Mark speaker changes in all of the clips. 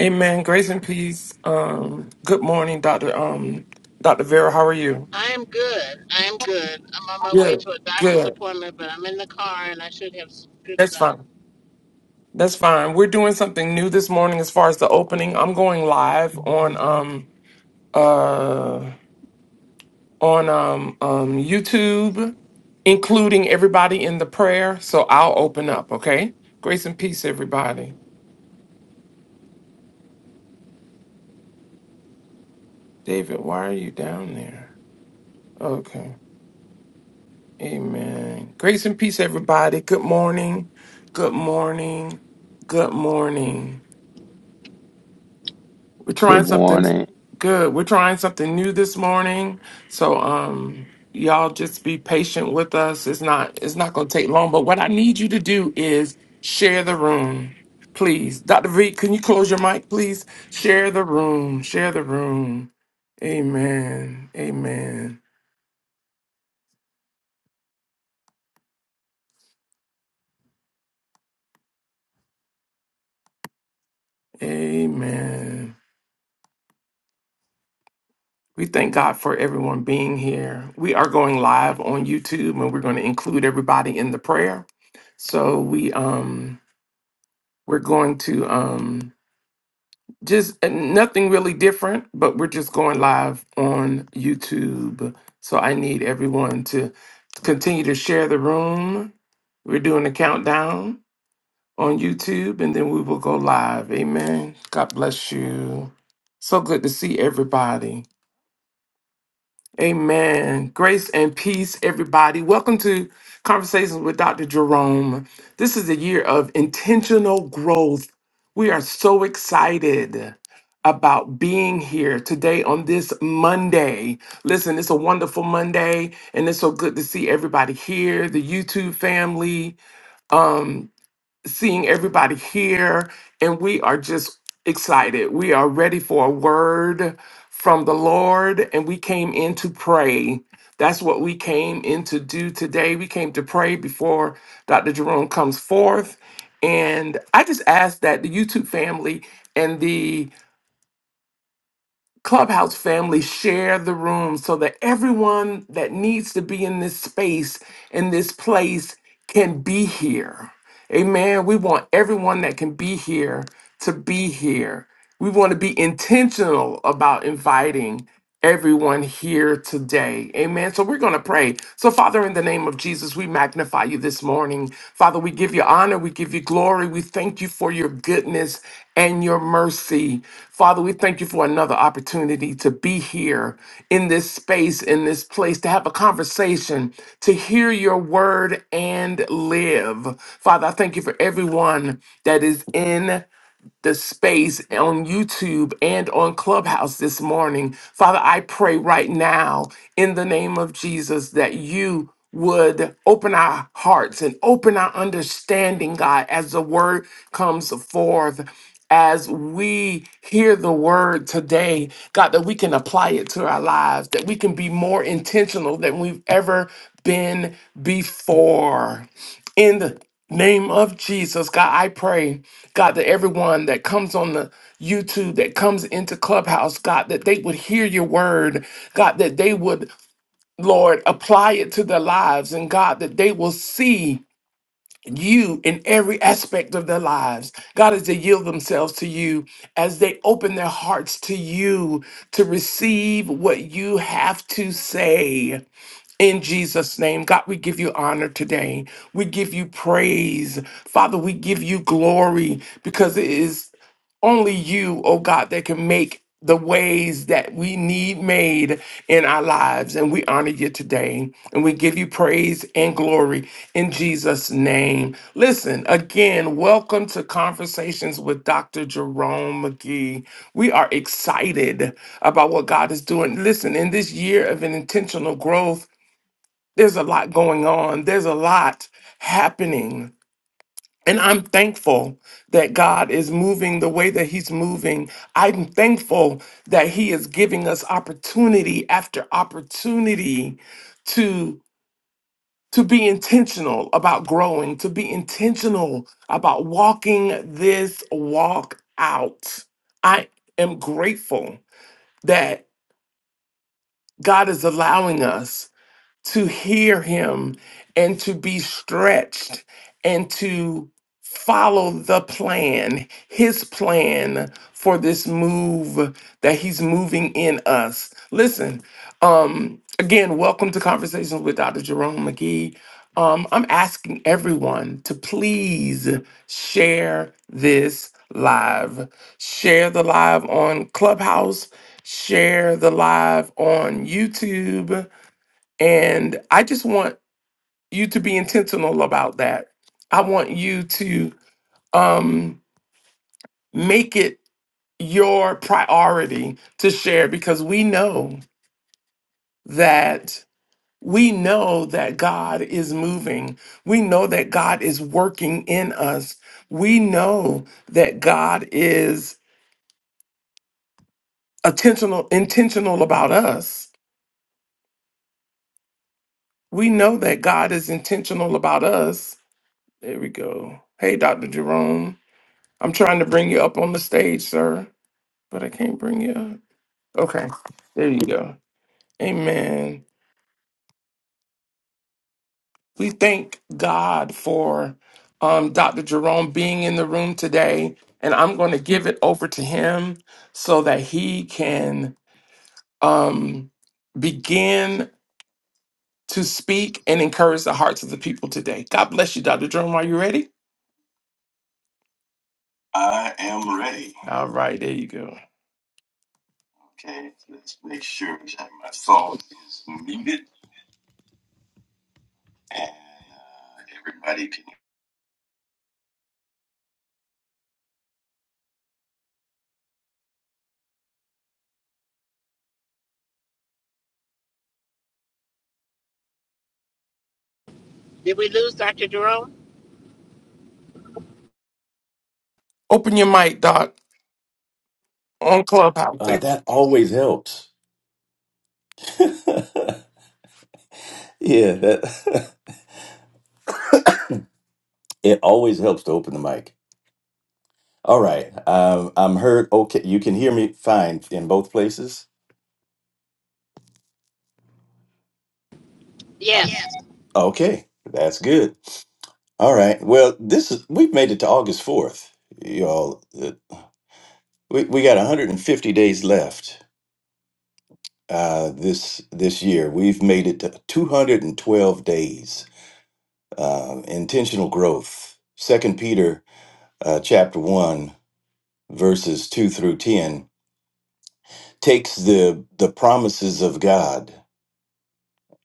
Speaker 1: Amen. Grace and peace. Um, good morning, Doctor. Um, Doctor Vera, how are you?
Speaker 2: I'm good. I'm good. I'm on my way
Speaker 1: Good.
Speaker 2: to a doctor's
Speaker 1: Good.
Speaker 2: appointment, but I'm in the car and I should have some good
Speaker 1: That's
Speaker 2: time.
Speaker 1: fine. That's fine. We're doing something new this morning as far as the opening. I'm going live on um uh on um um YouTube, including everybody in the prayer. So I'll open up. Okay. Grace and peace, everybody. David, why are you down there? Okay. Amen. Grace and peace, everybody. Good morning. Good morning. Good morning. We're
Speaker 3: Good
Speaker 1: trying something
Speaker 3: morning.
Speaker 1: good. We're trying something new this morning. So, um, y'all just be patient with us. It's not, it's not going to take long, but what I need you to do is share the room. Please. Dr. V, can you close your mic, please? Share the room. Share the room. Amen. Amen. Amen. We thank God for everyone being here. We are going live on YouTube and we're going to include everybody in the prayer. So we um we're going to um just uh, nothing really different, but we're just going live on YouTube. So I need everyone to continue to share the room. We're doing a countdown on YouTube and then we will go live. Amen. God bless you. So good to see everybody. Amen. Grace and peace, everybody. Welcome to Conversations with Dr. Jerome. This is a year of intentional growth. We are so excited about being here today on this Monday. Listen, it's a wonderful Monday, and it's so good to see everybody here, the YouTube family. Um, seeing everybody here, and we are just excited. We are ready for a word from the Lord, and we came in to pray. That's what we came in to do today. We came to pray before Dr. Jerome comes forth. And I just ask that the YouTube family and the Clubhouse family share the room so that everyone that needs to be in this space, in this place, can be here. Amen. We want everyone that can be here to be here. We want to be intentional about inviting everyone here today. Amen. So we're going to pray. So, Father, in the name of Jesus, we magnify you this morning. Father, we give you honor, we give you glory, we thank you for your goodness and your mercy. Father, we thank you for another opportunity to be here in this space, in this place, to have a conversation, to hear your word and live. Father, I thank you for everyone that is in the space on YouTube and on Clubhouse this morning. Father, I pray right now in the name of Jesus that you would open our hearts and open our understanding, God, as the word comes forth. As we hear the word today, God, that we can apply it to our lives, that we can be more intentional than we've ever been before. In the name of Jesus, God, I pray, God, that everyone that comes on the YouTube, that comes into Clubhouse, God, that they would hear your word, God, that they would, Lord, apply it to their lives, and God, that they will see you in every aspect of their lives. God, as they yield themselves to you, as they open their hearts to you to receive what you have to say. In Jesus' name, God, we give you honor today. We give you praise. Father, we give you glory because it is only you, oh God, that can make the ways that we need made in our lives. And we honor you today. And we give you praise and glory in Jesus' name. Listen, again, welcome to Conversations with Dr. Jerome McGee. We are excited about what God is doing. Listen, in this year of an intentional growth, there's a lot going on. There's a lot happening. And I'm thankful that God is moving the way that He's moving. I'm thankful that He is giving us opportunity after opportunity to to be intentional about growing, to be intentional about walking this walk out. I am grateful that God is allowing us to hear him and to be stretched and to follow the plan, his plan for this move that he's moving in us. Listen, um, again, welcome to Conversations with Dr. Jerome McGee. Um, I'm asking everyone to please share this live. Share the live on Clubhouse, share the live on YouTube and I just want you to be intentional about that. I want you to um, make it your priority to share because we know that we know that God is moving. We know that God is working in us. We know that God is intentional intentional about us. We know that God is intentional about us. There we go. Hey, Dr. Jerome. I'm trying to bring you up on the stage, sir, but I can't bring you up. Okay, there you go. Amen. We thank God for um, Dr. Jerome being in the room today, and I'm going to give it over to him so that he can um, begin to speak and encourage the hearts of the people today. God bless you, Dr. Jerome. Are you ready? All right, there you go.
Speaker 2: Did we lose Dr. Jerome?
Speaker 1: Open your mic, Doc, on Clubhouse.
Speaker 4: Uh, that always helps. yeah, that it always helps to open the mic. All right, um, I'm heard. Okay, you can hear me fine in both places. Uh,
Speaker 2: Yes.
Speaker 4: yes. Okay, that's good. All right. Well, this is we've made it to August fourth, y'all. Uh, We we got 150 days left uh, this this year. We've made it to 212 days. Um, intentional growth. Second Peter uh, chapter 1 verses 2 through 10 takes the the promises of god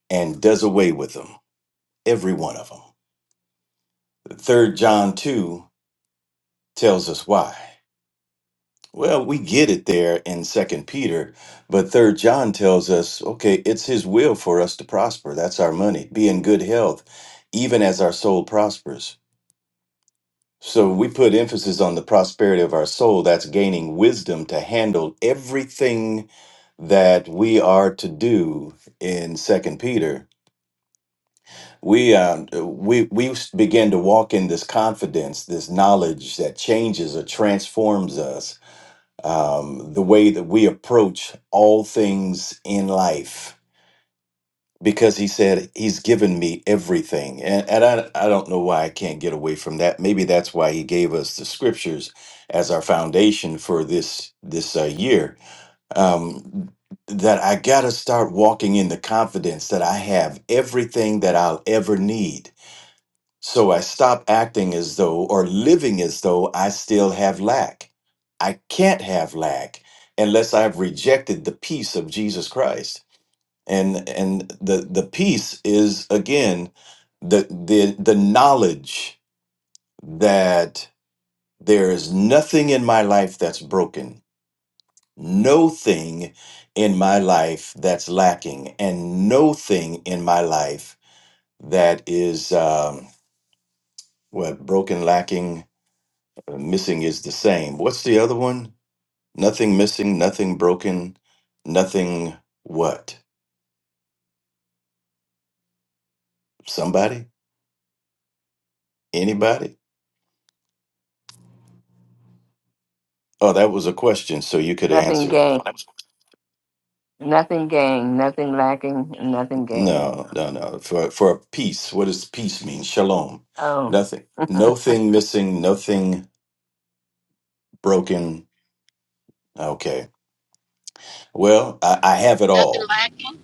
Speaker 4: and does away with them every one of them third john 2 tells us why well we get it there in second peter but third john tells us okay it's his will for us to prosper that's our money be in good health even as our soul prospers so we put emphasis on the prosperity of our soul that's gaining wisdom to handle everything that we are to do in second peter we um, we we begin to walk in this confidence this knowledge that changes or transforms us um, the way that we approach all things in life because he said he's given me everything and, and I, I don't know why i can't get away from that maybe that's why he gave us the scriptures as our foundation for this this uh, year um, that I got to start walking in the confidence that I have everything that I'll ever need. So I stop acting as though or living as though I still have lack. I can't have lack unless I've rejected the peace of Jesus Christ. And and the the peace is again the the the knowledge that there is nothing in my life that's broken no thing in my life that's lacking and no thing in my life that is um, what broken lacking uh, missing is the same what's the other one nothing missing nothing broken nothing what somebody anybody oh that was a question so you could
Speaker 5: Nothing
Speaker 4: answer it
Speaker 5: gained, nothing gained, nothing lacking, and nothing gained.
Speaker 4: no no no for for peace what does peace mean shalom
Speaker 5: Oh,
Speaker 4: nothing no thing missing nothing broken Okay. Well, I, I have it
Speaker 2: Nothing
Speaker 4: all.
Speaker 2: lacking?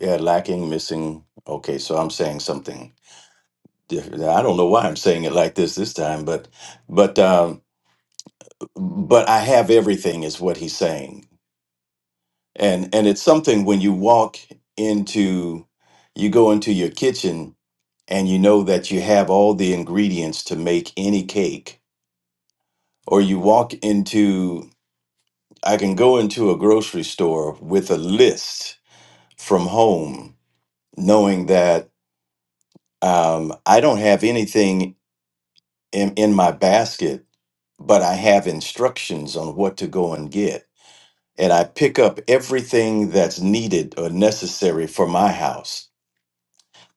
Speaker 4: Yeah, lacking, missing. Okay, so I'm saying something different. I don't know why I'm saying it like this this time, but but um, but I have everything is what he's saying, and and it's something when you walk into, you go into your kitchen and you know that you have all the ingredients to make any cake, or you walk into. I can go into a grocery store with a list from home, knowing that. Um, I don't have anything in, in my basket, but I have instructions on what to go and get. And I pick up everything that's needed or necessary for my house.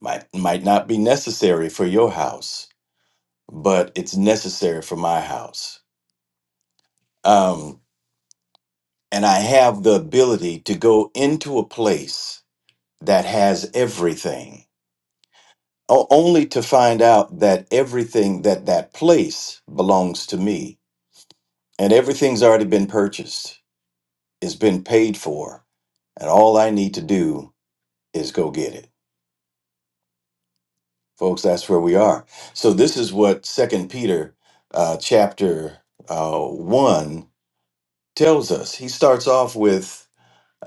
Speaker 4: Might, might not be necessary for your house, but it's necessary for my house. Um, and I have the ability to go into a place that has everything, o- only to find out that everything that that place belongs to me and everything's already been purchased. It's been paid for, and all I need to do is go get it, folks. That's where we are. So this is what Second Peter, uh, chapter uh, one, tells us. He starts off with.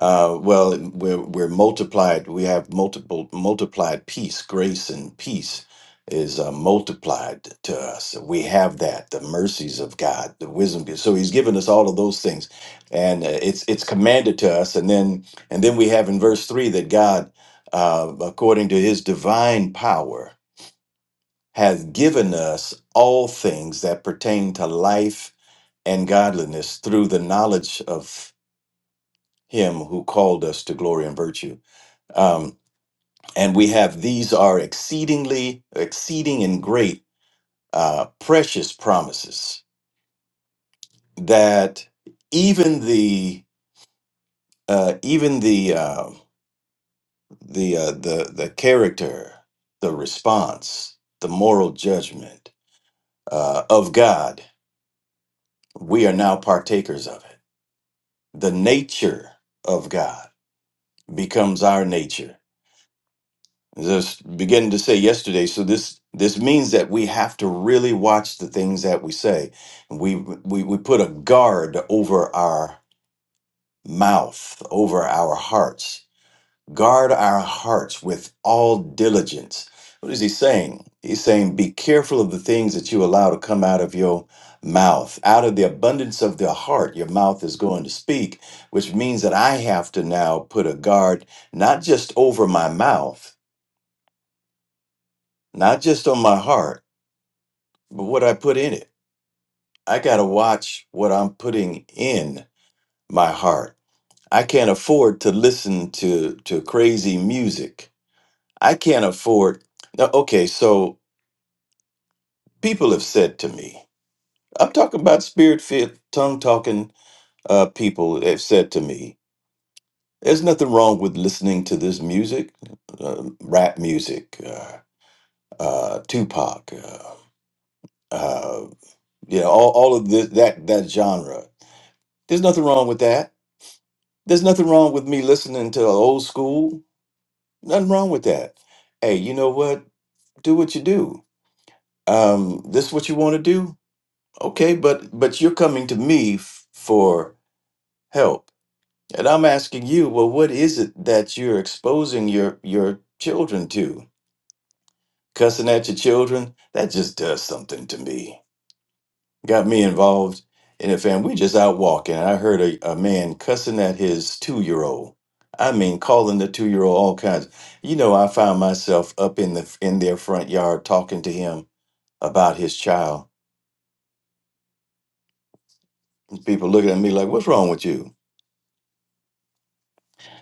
Speaker 4: Uh, well, we're we're multiplied. We have multiple multiplied peace, grace, and peace is uh, multiplied to us. We have that the mercies of God, the wisdom. So He's given us all of those things, and uh, it's it's commanded to us. And then and then we have in verse three that God, uh, according to His divine power, has given us all things that pertain to life and godliness through the knowledge of Him who called us to glory and virtue. Um, and we have these are exceedingly, exceeding and great, uh, precious promises that even the uh, even the uh, the uh, the the character, the response, the moral judgment uh, of God, we are now partakers of it. The nature of God becomes our nature Just beginning to say yesterday. So this this means that we have to really watch the things that we say. We we we put a guard over our mouth, over our hearts. Guard our hearts with all diligence. What is he saying? He's saying, be careful of the things that you allow to come out of your mouth. Out of the abundance of the heart, your mouth is going to speak, which means that I have to now put a guard not just over my mouth not just on my heart, but what I put in it. I got to watch what I'm putting in my heart. I can't afford to listen to to crazy music. I can't afford. Now, okay, so people have said to me, I'm talking about spirit-filled, tongue-talking uh, people have said to me, "There's nothing wrong with listening to this music, uh, rap music, uh, uh, Tupac, uh, uh, you know, all, all of this that that genre." There's nothing wrong with that. There's nothing wrong with me listening to old school. Nothing wrong with that. Hey, you know what? Do what you do. Um, this is what you want to do. Okay, but but you're coming to me f- for help, and I'm asking you. Well, what is it that you're exposing your your children to? Cussing at your children? That just does something to me. got me involved in it, fam. We just out walking. I heard a, a man cussing at his two year old. I mean, calling the two year old all kinds. You know, I found myself up in the in their front yard talking to him about his child. People looking at me like, "What's wrong with you?"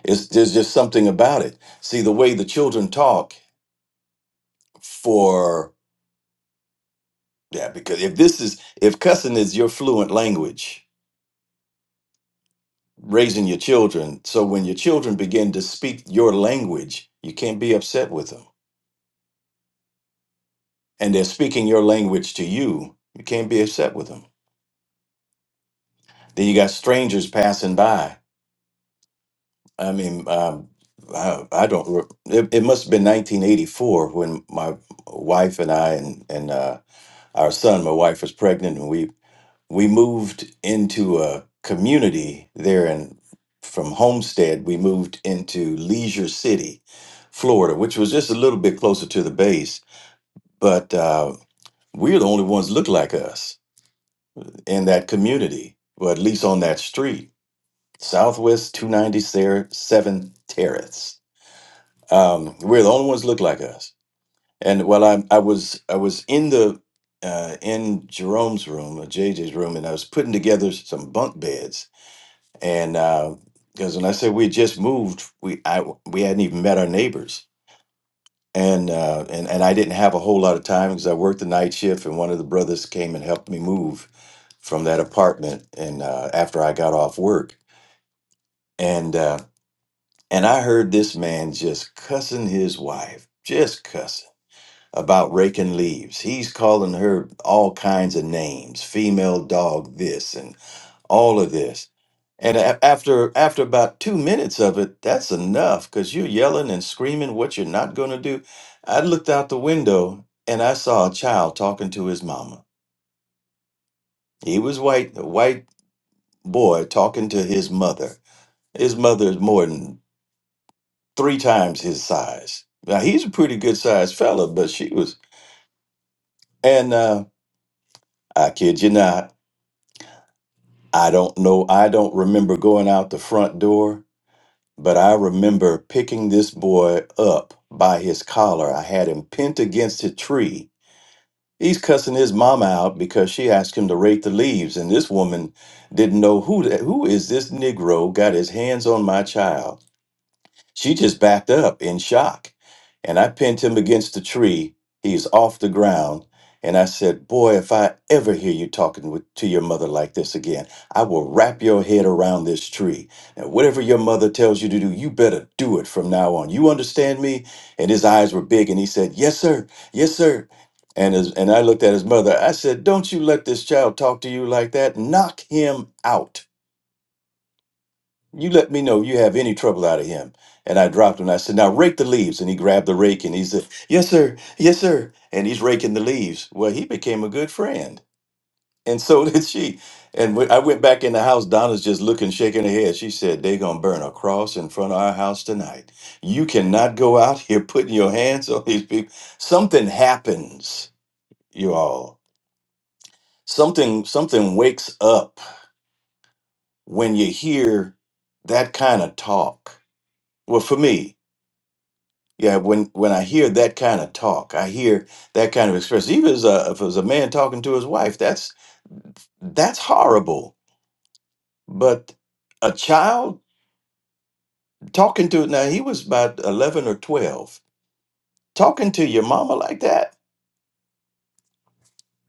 Speaker 4: It's there's just something about it. See, the way the children talk for yeah, because if this is if cussing is your fluent language, raising your children, so when your children begin to speak your language, you can't be upset with them and they're speaking your language to you, you can't be upset with them. Then you got strangers passing by. I mean, um, I, I don't. re- It, it must have been 1984 when my wife and I and and uh, our son, my wife was pregnant, and we we moved into a community there in from Homestead. We moved into Leisure City, Florida, which was just a little bit closer to the base, but uh, we're the only ones look like us in that community, or at least on that street, Southwest 297 Terrace. Um, we're the only ones look like us. And while I, I was I was in the uh, in Jerome's room or JJ's room, and I was putting together some bunk beds, and because when I said we had just moved, we I we hadn't even met our neighbors, and uh, and and I didn't have a whole lot of time because I worked the night shift, and one of the brothers came and helped me move from that apartment, and uh, after I got off work, and uh, and I heard this man just cussing his wife, just cussing about raking leaves. He's calling her all kinds of names, female dog this all of this. And a- after after about two minutes of it, that's enough because you're yelling and screaming what you're not going to do. I looked out the window and I saw a child talking to his mama. He was white, a white boy talking to his mother. His mother is more than three times his size. Now he's a pretty good sized fella, but she was. And uh, I kid you not, I don't know. I don't remember going out the front door But I remember picking this boy up by his collar. I had him pinned against a tree. He's cussing his mama out because she asked him to rake the leaves, and this woman didn't know who that, who is this Negro got his hands on my child. She just backed up in shock. And I pinned him against the tree. He's off the ground. And I said, Boy, if I ever hear you talking with, to your mother like this again, I will wrap your head around this tree. And whatever your mother tells you to do, you better do it from now on. You understand me? And his eyes were big and he said, Yes, sir. Yes, sir. And, his, and I looked at his mother. I said, Don't you let this child talk to you like that. Knock him out. You let me know you have any trouble out of him. And I dropped him. And I said, Now rake the leaves. And he grabbed the rake and he said, Yes, sir. Yes, sir. And he's raking the leaves. Well, he became a good friend. And so did she. And when I went back in the house. Donna's just looking, shaking her head. She said, They're going to burn a cross in front of our house tonight. You cannot go out here putting your hands on these people. Something happens, you all. Something, something wakes up when you hear that kind of talk. Well, for me, Yeah, when when I hear that kind of talk, I hear that kind of express. Even as a, if it was a man talking to his wife, that's that's horrible. But a child talking to now he was about eleven or twelve, talking to your mama like that.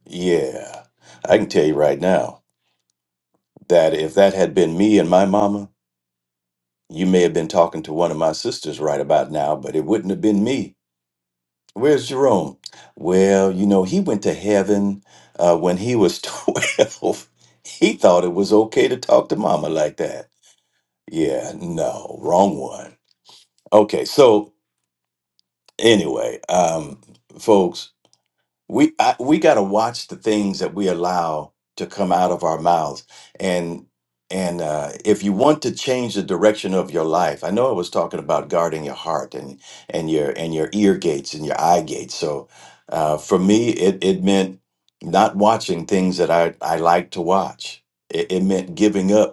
Speaker 4: Yeah, I can tell you right now that if that had been me and my mama, you may have been talking to one of my sisters right about now, but it wouldn't have been me. Where's Jerome? Well, you know, he went to heaven uh, when he was 12. He thought it was okay to talk to mama like that. Yeah, no, wrong one. Okay, so anyway, um, folks, we I, we got to watch the things that we allow to come out of our mouths and and uh, if you want to change the direction of your life i know i was talking about guarding your heart and and your and your ear gates and your eye gates so uh, for me it it meant not watching things that i i like to watch it, it meant giving up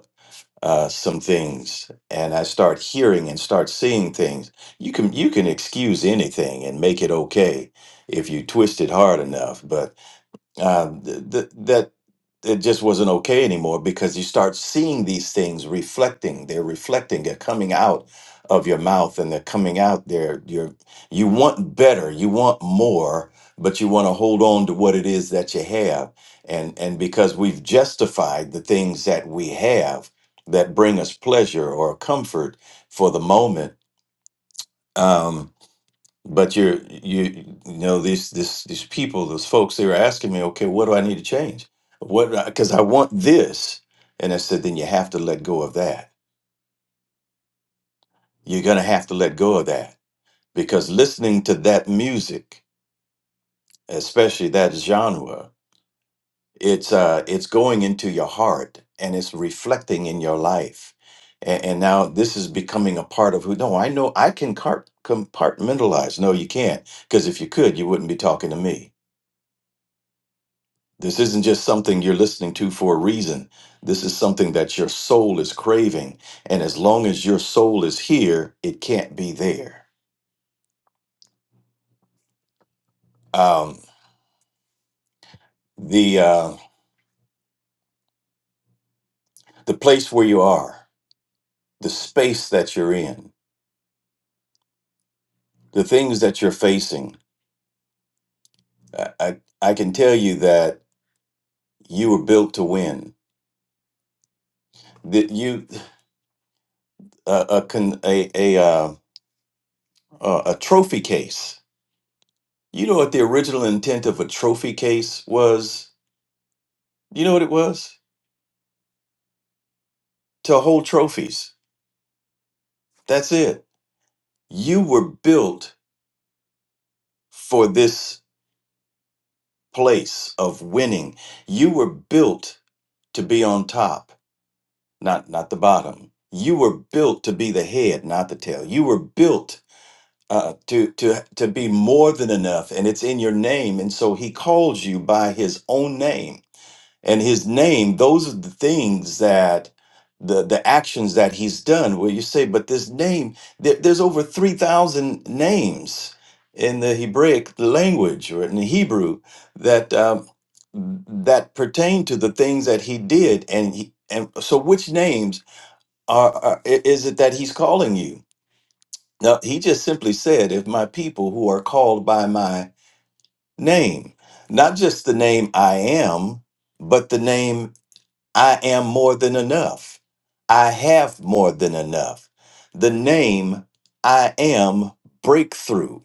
Speaker 4: uh, some things and I start hearing and start seeing things, you can you can excuse anything and make it okay if you twist it hard enough. But um, th- th- that it just wasn't okay anymore because you start seeing these things reflecting they're reflecting they're coming out of your mouth and they're coming out there you're you want better you want more but you want to hold on to what it is that you have and and because we've justified the things that we have that bring us pleasure or comfort for the moment um, but you're you you know these this these people those folks they were asking me okay what do i need to change what because i want this and i said then you have to let go of that you're gonna have to let go of that because listening to that music especially that genre it's uh it's going into your heart and it's reflecting in your life and, and now this is becoming a part of who no i know i can cart- compartmentalize no you can't because if you could you wouldn't be talking to me This isn't just something you're listening to for a reason. This is something that your soul is craving. And as long as your soul is here, it can't be there. Um, the, uh, the place where you are, the space that you're in, the things that you're facing, I, I, I can tell you that you were built to win. That you, uh, a, con- a, a, uh, uh, a trophy case. You know what the original intent of a trophy case was? You know what it was? to hold trophies. That's it. You were built for this place of winning. You were built to be on top, not not the bottom. You were built to be the head, not the tail. You were built uh, to to to be more than enough, and it's in your name. And so He calls you by His own name and his name those are the things that the the actions that he's done where you say but this name there, there's over 3000 names in the hebraic language or in the hebrew that um, that pertain to the things that he did and he, and so which names are, are i- is it that he's calling you now he just simply said if my people who are called by my name not just the name i am but the name I am more than enough. I have more than enough. The name I am breakthrough.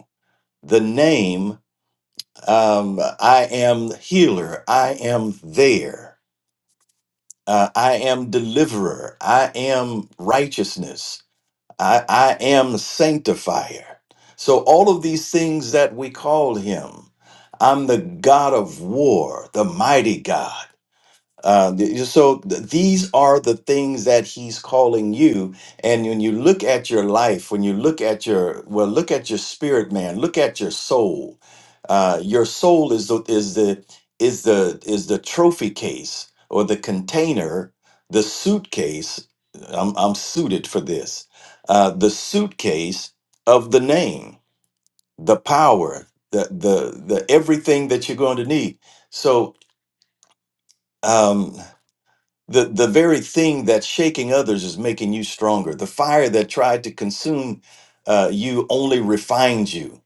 Speaker 4: The name um, I am healer. I am there. Uh, I am deliverer. I am righteousness. I, I am sanctifier. So, all of these things that we call him, I'm the God of war, the mighty God. Uh, th- so th- these are the things that he's calling you. And when you look at your life, when you look at your well, look at your spirit, man. Look at your soul. Uh, your soul is the is the is the is the trophy case or the container, the suitcase. I'm I'm suited for this. Uh, the suitcase of the name, the power, the the the everything that you're going to need. So. Um, the, the very thing that's shaking others is making you stronger. The fire that tried to consume uh, you only refines you.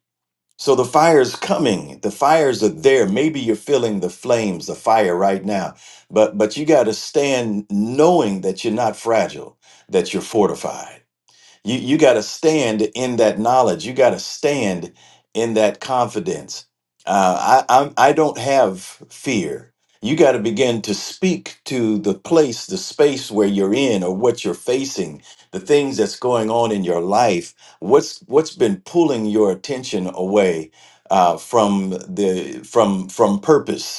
Speaker 4: So the fire's coming. The fires are there. Maybe you're feeling the flames, the fire right now. But but you got to stand knowing that you're not fragile, that you're fortified. You you got to stand in that knowledge. You got to stand in that confidence. Uh, I I'm, I don't have fear. You got to begin to speak to the place, the space where you're in, or what you're facing, the things that's going on in your life. What's what's been pulling your attention away uh, from the from from purpose?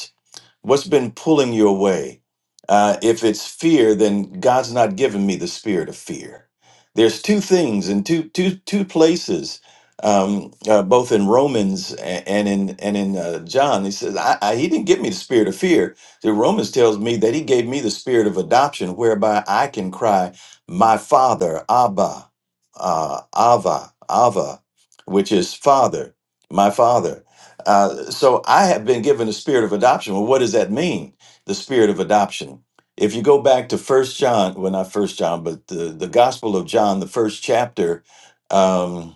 Speaker 4: What's been pulling you away? Uh, if it's fear, then God's not given me the spirit of fear. There's two things in two two two places, um, uh, both in Romans a- and in and in uh, John. He says I, I, he didn't give me the spirit of fear. The Romans tells me that he gave me the spirit of adoption, whereby I can cry, "My Father, Abba, uh, Ava, Ava," which is Father, my Father. Uh, so I have been given the spirit of adoption. Well, what does that mean? The spirit of adoption. If you go back to First John, well, not First John, but the the Gospel of John, the first chapter. um,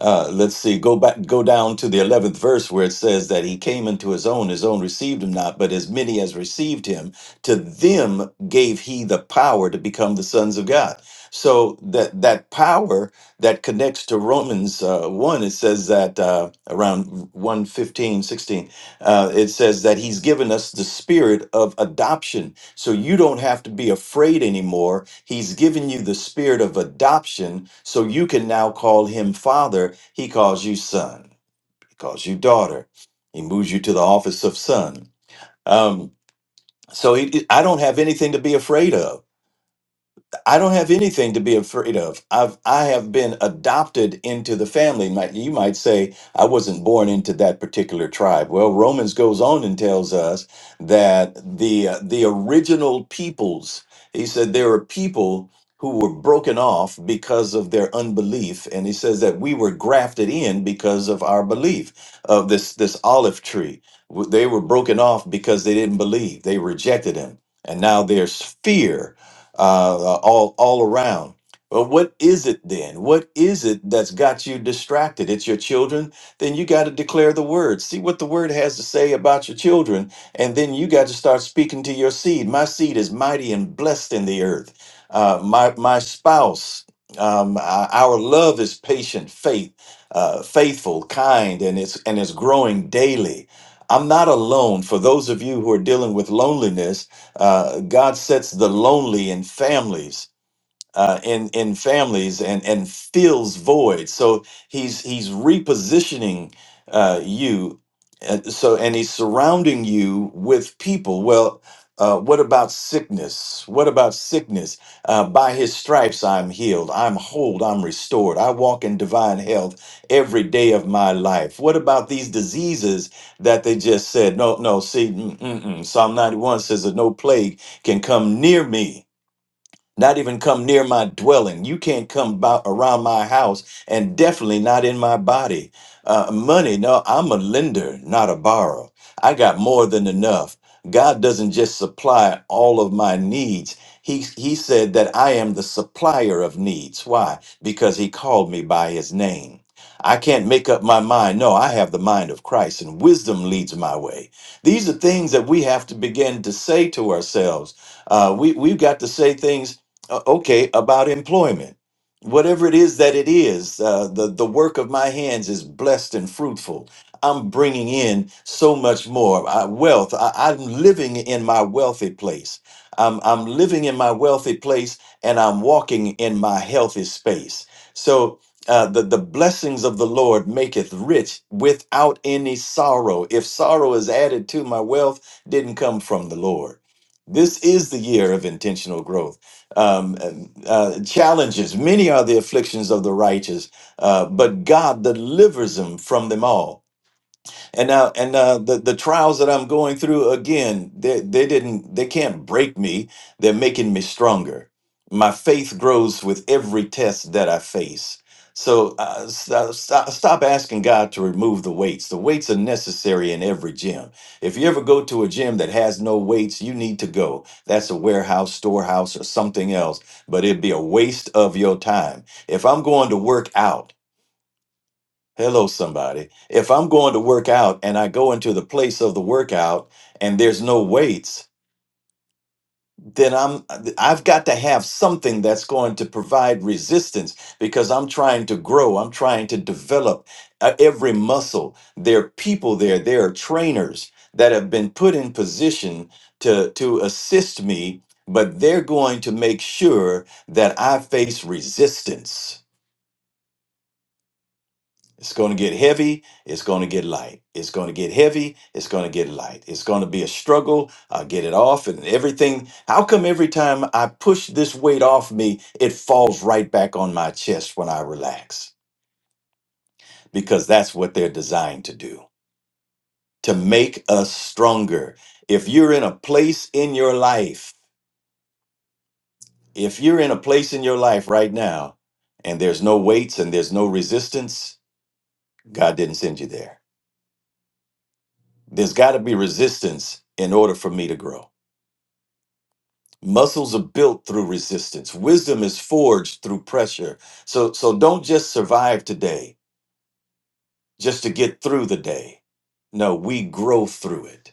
Speaker 4: uh, let's see. Go back. Go down to the eleventh verse where it says that he came into his own. His own received him not, but as many as received him, to them gave he the power to become the sons of God. So that that power that connects to Romans uh, one, it says that uh, around one fifteen sixteen, uh, it says that he's given us the spirit of adoption so you don't have to be afraid anymore. He's given you the spirit of adoption, so you can now call him father. He calls you son. He calls you daughter. He moves you to the office of son. Um, so he, I don't have anything to be afraid of I don't have anything to be afraid of. I've I have been adopted into the family. Might you might say I wasn't born into that particular tribe. Well, Romans goes on and tells us that the uh, the original peoples. He said there are people who were broken off because of their unbelief, and he says that we were grafted in because of our belief of this this olive tree. W- They were broken off because they didn't believe. They rejected him, and now there's fear uh, uh, all all around. But what is it then? What is it that's got you distracted? It's your children. Then you got to declare the word. See what the word has to say about your children, and then you got to start speaking to your seed. My seed is mighty and blessed in the earth. Uh, my my spouse, um, uh, our love is patient, faith, uh, faithful, kind, and it's and it's growing daily. I'm not alone. For those of you who are dealing with loneliness, uh, God sets the lonely in families uh, in in families and and fills void. So he's he's repositioning uh, you. uh, so and he's surrounding you with people. Well, uh, what about sickness? What about sickness? Uh, by his stripes I'm healed. I'm whole. I'm restored. I walk in divine health every day of my life. What about these diseases that they just said? No, no. See, mm, mm, mm. Psalm 91 says that no plague can come near me not even come near my dwelling. You can't come about around my house, and definitely not in my body. Uh, money, no, I'm a lender, not a borrower. I got more than enough. God doesn't just supply all of my needs. He, he said that I am the supplier of needs. Why? Because he called me by his name. I can't make up my mind. No, I have the mind of Christ, and wisdom leads my way. These are things that we have to begin to say to ourselves. Uh, we, we've got to say things uh, okay about employment whatever it is that it is uh, the the work of my hands is blessed and fruitful i'm bringing in so much more uh, wealth I, i'm living in my wealthy place I'm, I'm living in my wealthy place and i'm walking in my healthy space so uh, the, the blessings of the lord maketh rich without any sorrow if sorrow is added to my wealth didn't come from the lord this is the year of intentional growth um, uh, challenges. Many are the afflictions of the righteous, uh, but God delivers them from them all and now, and uh, the the trials that I'm going through again, they they didn't they can't break me. They're making me stronger. My faith grows with every test that I face. So uh, stop, stop, stop asking God to remove the weights. The weights are necessary in every gym. If you ever go to a gym that has no weights, you need to go. That's a warehouse, storehouse, or something else. But it'd be a waste of your time. If I'm going to work out. Hello, somebody. If I'm going to work out and I go into the place of the workout and there's no weights, then I'm I've got to have something that's going to provide resistance because I'm trying to grow. I'm trying to develop uh, every muscle. There are people there. There are trainers that have been put in position to to assist me, but they're going to make sure that I face resistance. It's going to get heavy. It's going to get light. It's going to get heavy. It's going to get light. It's going to be a struggle. I'll get it off and everything. How come every time I push this weight off me, it falls right back on my chest when I relax? Because that's what they're designed to do to make us stronger. If you're in a place in your life, if you're in a place in your life right now and there's no weights and there's no resistance, God didn't send you there. There's got to be resistance in order for me to grow. Muscles are built through resistance. Wisdom is forged through pressure. So so don't just survive today just to get through the day. No, we grow through it.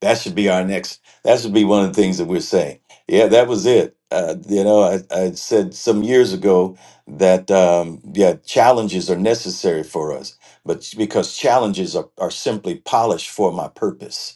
Speaker 4: That should be our next. That should be one of the things that we're saying. Yeah, that was it. Uh, you know, I, I said some years ago that um, yeah, challenges are necessary for us, but because challenges are, are simply polished for my purpose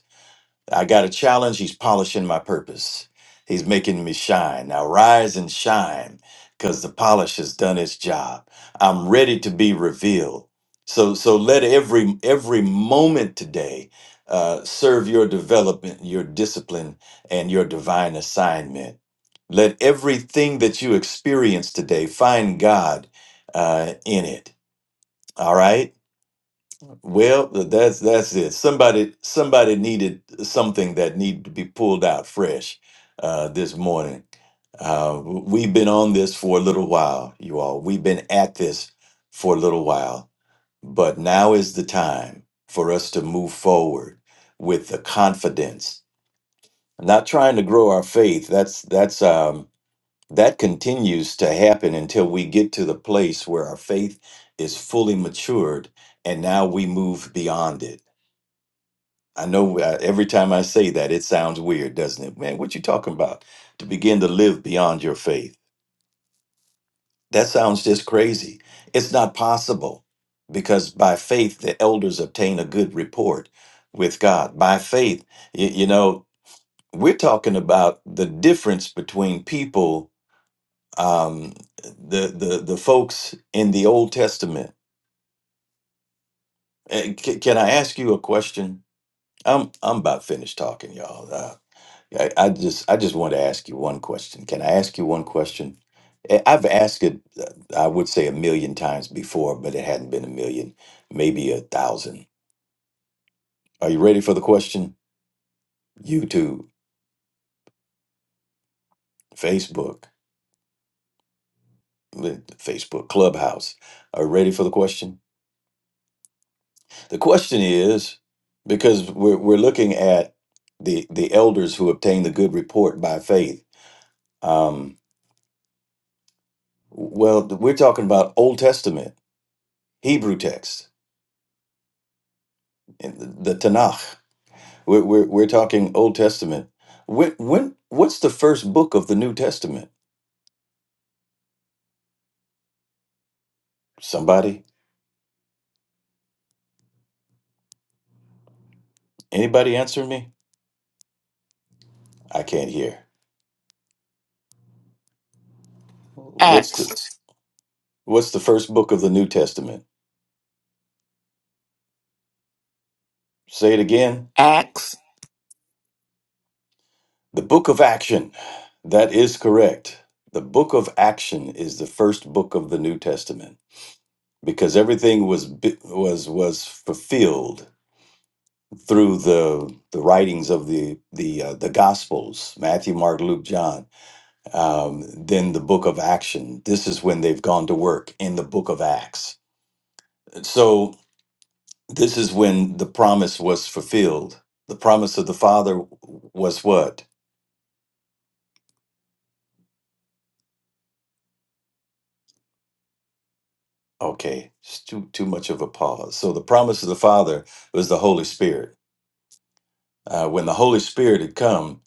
Speaker 4: I got a challenge. He's polishing my purpose. He's making me shine. Now rise and shine because the polish has done its job. I'm ready to be revealed. So, so let every every moment today uh, serve your development, your discipline, and your divine assignment. Let everything that you experience today find God uh, in it. All right. Well, that's that's it. Somebody somebody needed something that needed to be pulled out fresh uh, this morning. Uh, we've been on this for a little while, you all. We've been at this for a little while, but now is the time for us to move forward with the confidence. not trying to grow our faith. That's that's um, that continues to happen until we get to the place where our faith is fully matured, and now we move beyond it I know uh, every time I say that, it sounds weird, doesn't it? Man, what you talking about? To begin to live beyond your faith. That sounds just crazy. It's not possible because by faith, the elders obtain a good report with God. By faith, you, you know, we're talking about the difference between people, um, the, the, the folks in the Old Testament. Eh, c- Can I ask you a question? I'm, I'm about finished talking, y'all. Uh, Yeah, I, I just I just want to ask you one question. Can I ask you one question? I- I've asked it, uh, I would say a million times before, but it hadn't been a million, maybe a thousand. Are you ready for the question? YouTube, Facebook, li- Facebook Clubhouse. Are you ready for the question? The question is because we're we're looking at the the elders who obtain the good report by faith. Um, well, we're talking about Old Testament Hebrew text, in the the Tanakh. We're, we're, we're talking Old Testament. When, when, what's the first book of the New Testament? Somebody, anybody answer me? I can't hear. What's the,
Speaker 1: Acts.
Speaker 4: what's the first book of the New Testament? Say it again.
Speaker 1: Acts
Speaker 4: The book of action. That is correct. The book of action is the first book of the New Testament because everything was bi- was was fulfilled through the the writings of the the uh, the gospels Matthew Mark Luke John um, than the book of action. This is when they've gone to work in the book of Acts. So, this is when the promise was fulfilled. The promise of the Father was what? Okay, it's too, too much of a pause. So, the promise of the Father was the Holy Spirit. Uh, when the Holy Spirit had come,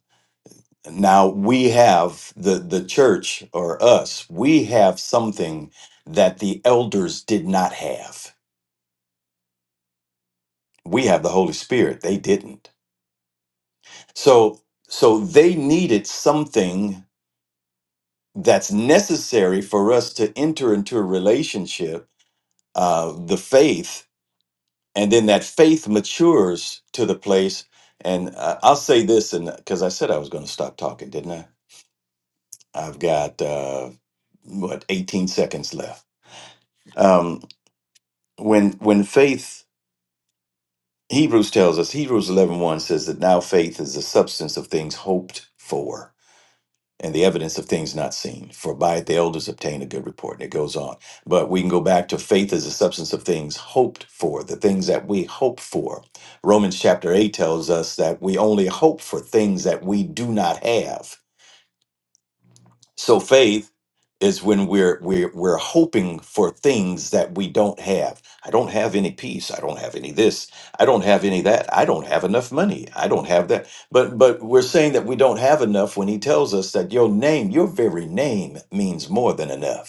Speaker 4: now we have the, the church or us, we have something that the elders did not have. We have the Holy Spirit, they didn't So so they needed something that's necessary for us to enter into a relationship, uh, the faith, and then that faith matures to the place. And uh, I'll say this, and because I said I was going to stop talking, didn't I? I've got uh, what 18 seconds left. Um, when when faith, Hebrews tells us, Hebrews eleven one says that now faith is the substance of things hoped for and the evidence of things not seen. For by it the elders obtain a good report. And it goes on. But we can go back to faith as the substance of things hoped for, the things that we hope for. Romans chapter 8 tells us that we only hope for things that we do not have. So faith is when we're we're we're hoping for things that we don't have. I don't have any peace. I don't have any this. I don't have any that. I don't have enough money. I don't have that. But but we're saying that we don't have enough when he tells us that your name, your very name means more than enough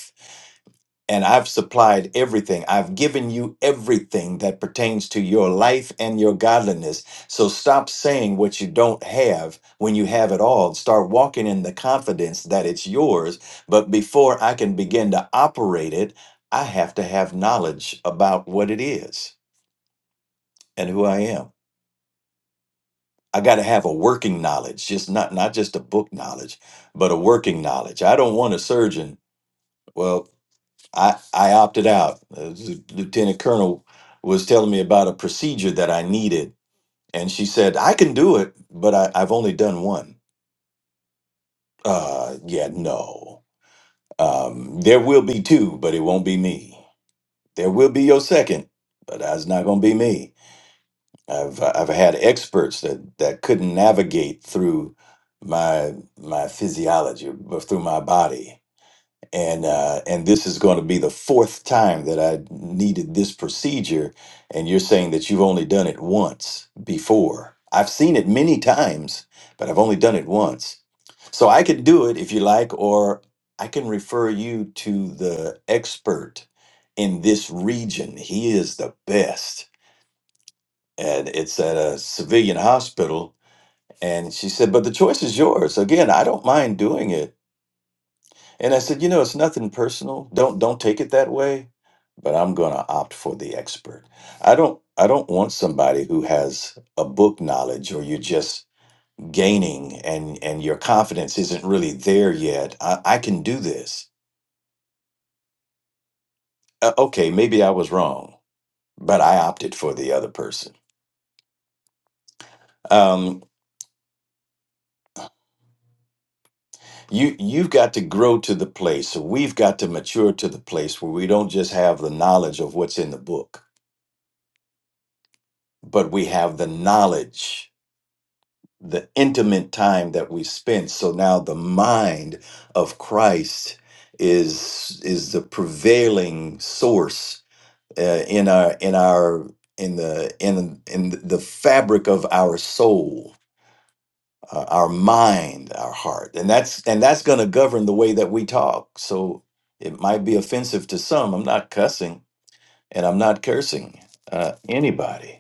Speaker 4: and I've supplied everything. I've given you everything that pertains to your life and your godliness. So stop saying what you don't have when you have it all. Start walking in the confidence that it's yours. But before I can begin to operate it, I have to have knowledge about what it is and who I am. I got to have a working knowledge, just not not just a book knowledge, but a working knowledge. I don't want a surgeon. Well, I, I opted out. Uh, Lieutenant Colonel was telling me about a procedure that I needed, and she said, I can do it, but I, I've only done one. Uh, yeah, no. Um, there will be two, but it won't be me. There will be your second, but that's not going to be me. I've I've had experts that, that couldn't navigate through my my physiology, but through my body and uh, and this is going to be the fourth time that I needed this procedure, and you're saying that you've only done it once before. I've seen it many times, but I've only done it once. So I could do it if you like, or I can refer you to the expert in this region. He is the best, and it's at a civilian hospital. And she said, "But the choice is yours." Again, I don't mind doing it and I said, you know, it's nothing personal. Don't don't take it that way. But I'm going to opt for the expert. I don't I don't want somebody who has a book knowledge or you're just gaining and and your confidence isn't really there yet. I, I can do this. Uh, okay, maybe I was wrong, but I opted for the other person. Um, you you've got to grow to the place. So We've got to mature to the place where we don't just have the knowledge of what's in the book, but we have the knowledge the intimate time that we spent so now the mind of christ is is the prevailing source uh, in our in our in the in in the fabric of our soul uh, our mind our heart and that's and that's going to govern the way that we talk so it might be offensive to some i'm not cussing and i'm not cursing uh, anybody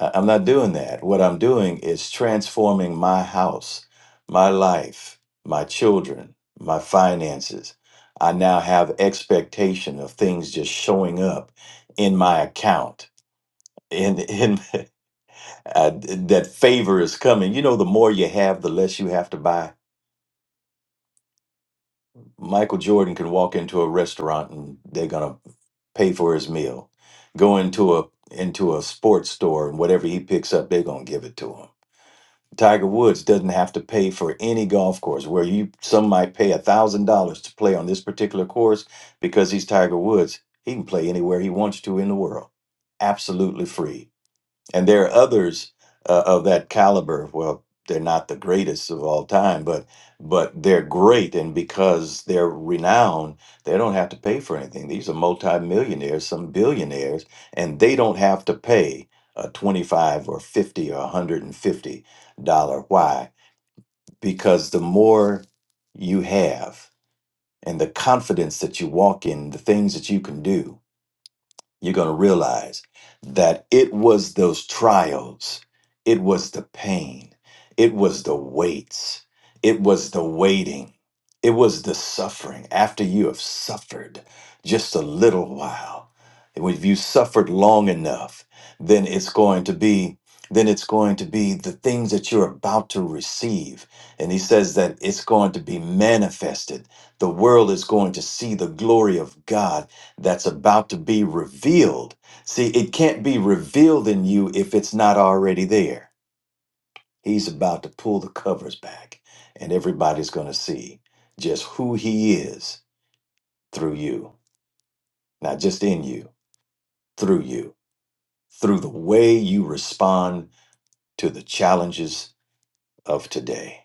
Speaker 4: I- I'm not doing that. What I'm doing is transforming my house, my life, my children, my finances. I now have expectation of things just showing up in my account. In in uh, that favor is coming. You know, the more you have, the less you have to buy. Michael Jordan can walk into a restaurant and they're gonna pay for his meal. Go into a into a sports store and whatever he picks up, they're gonna give it to him Tiger Woods doesn't have to pay for any golf course where you some might pay a thousand dollars to play on this particular course because he's Tiger Woods. He can play anywhere he wants to in the world, absolutely free. And there are others uh, of that caliber. Well, they're not the greatest of all time, but but they're great, and because they're renowned, they don't have to pay for anything. These are multimillionaires, some billionaires, and they don't have to pay a twenty-five or fifty or hundred and fifty dollar. Why? Because the more you have, and the confidence that you walk in, the things that you can do, you're going to realize that it was those trials, it was the pain, it was the weights, it was the waiting, it was the suffering after you have suffered just a little while. If you suffered long enough, then it's going to be then it's going to be the things that you're about to receive. And he says that it's going to be manifested. The world is going to see the glory of God that's about to be revealed. See, it can't be revealed in you if it's not already there. He's about to pull the covers back, and everybody's going to see just who he is through you, not just in you, through you, through the way you respond to the challenges of today.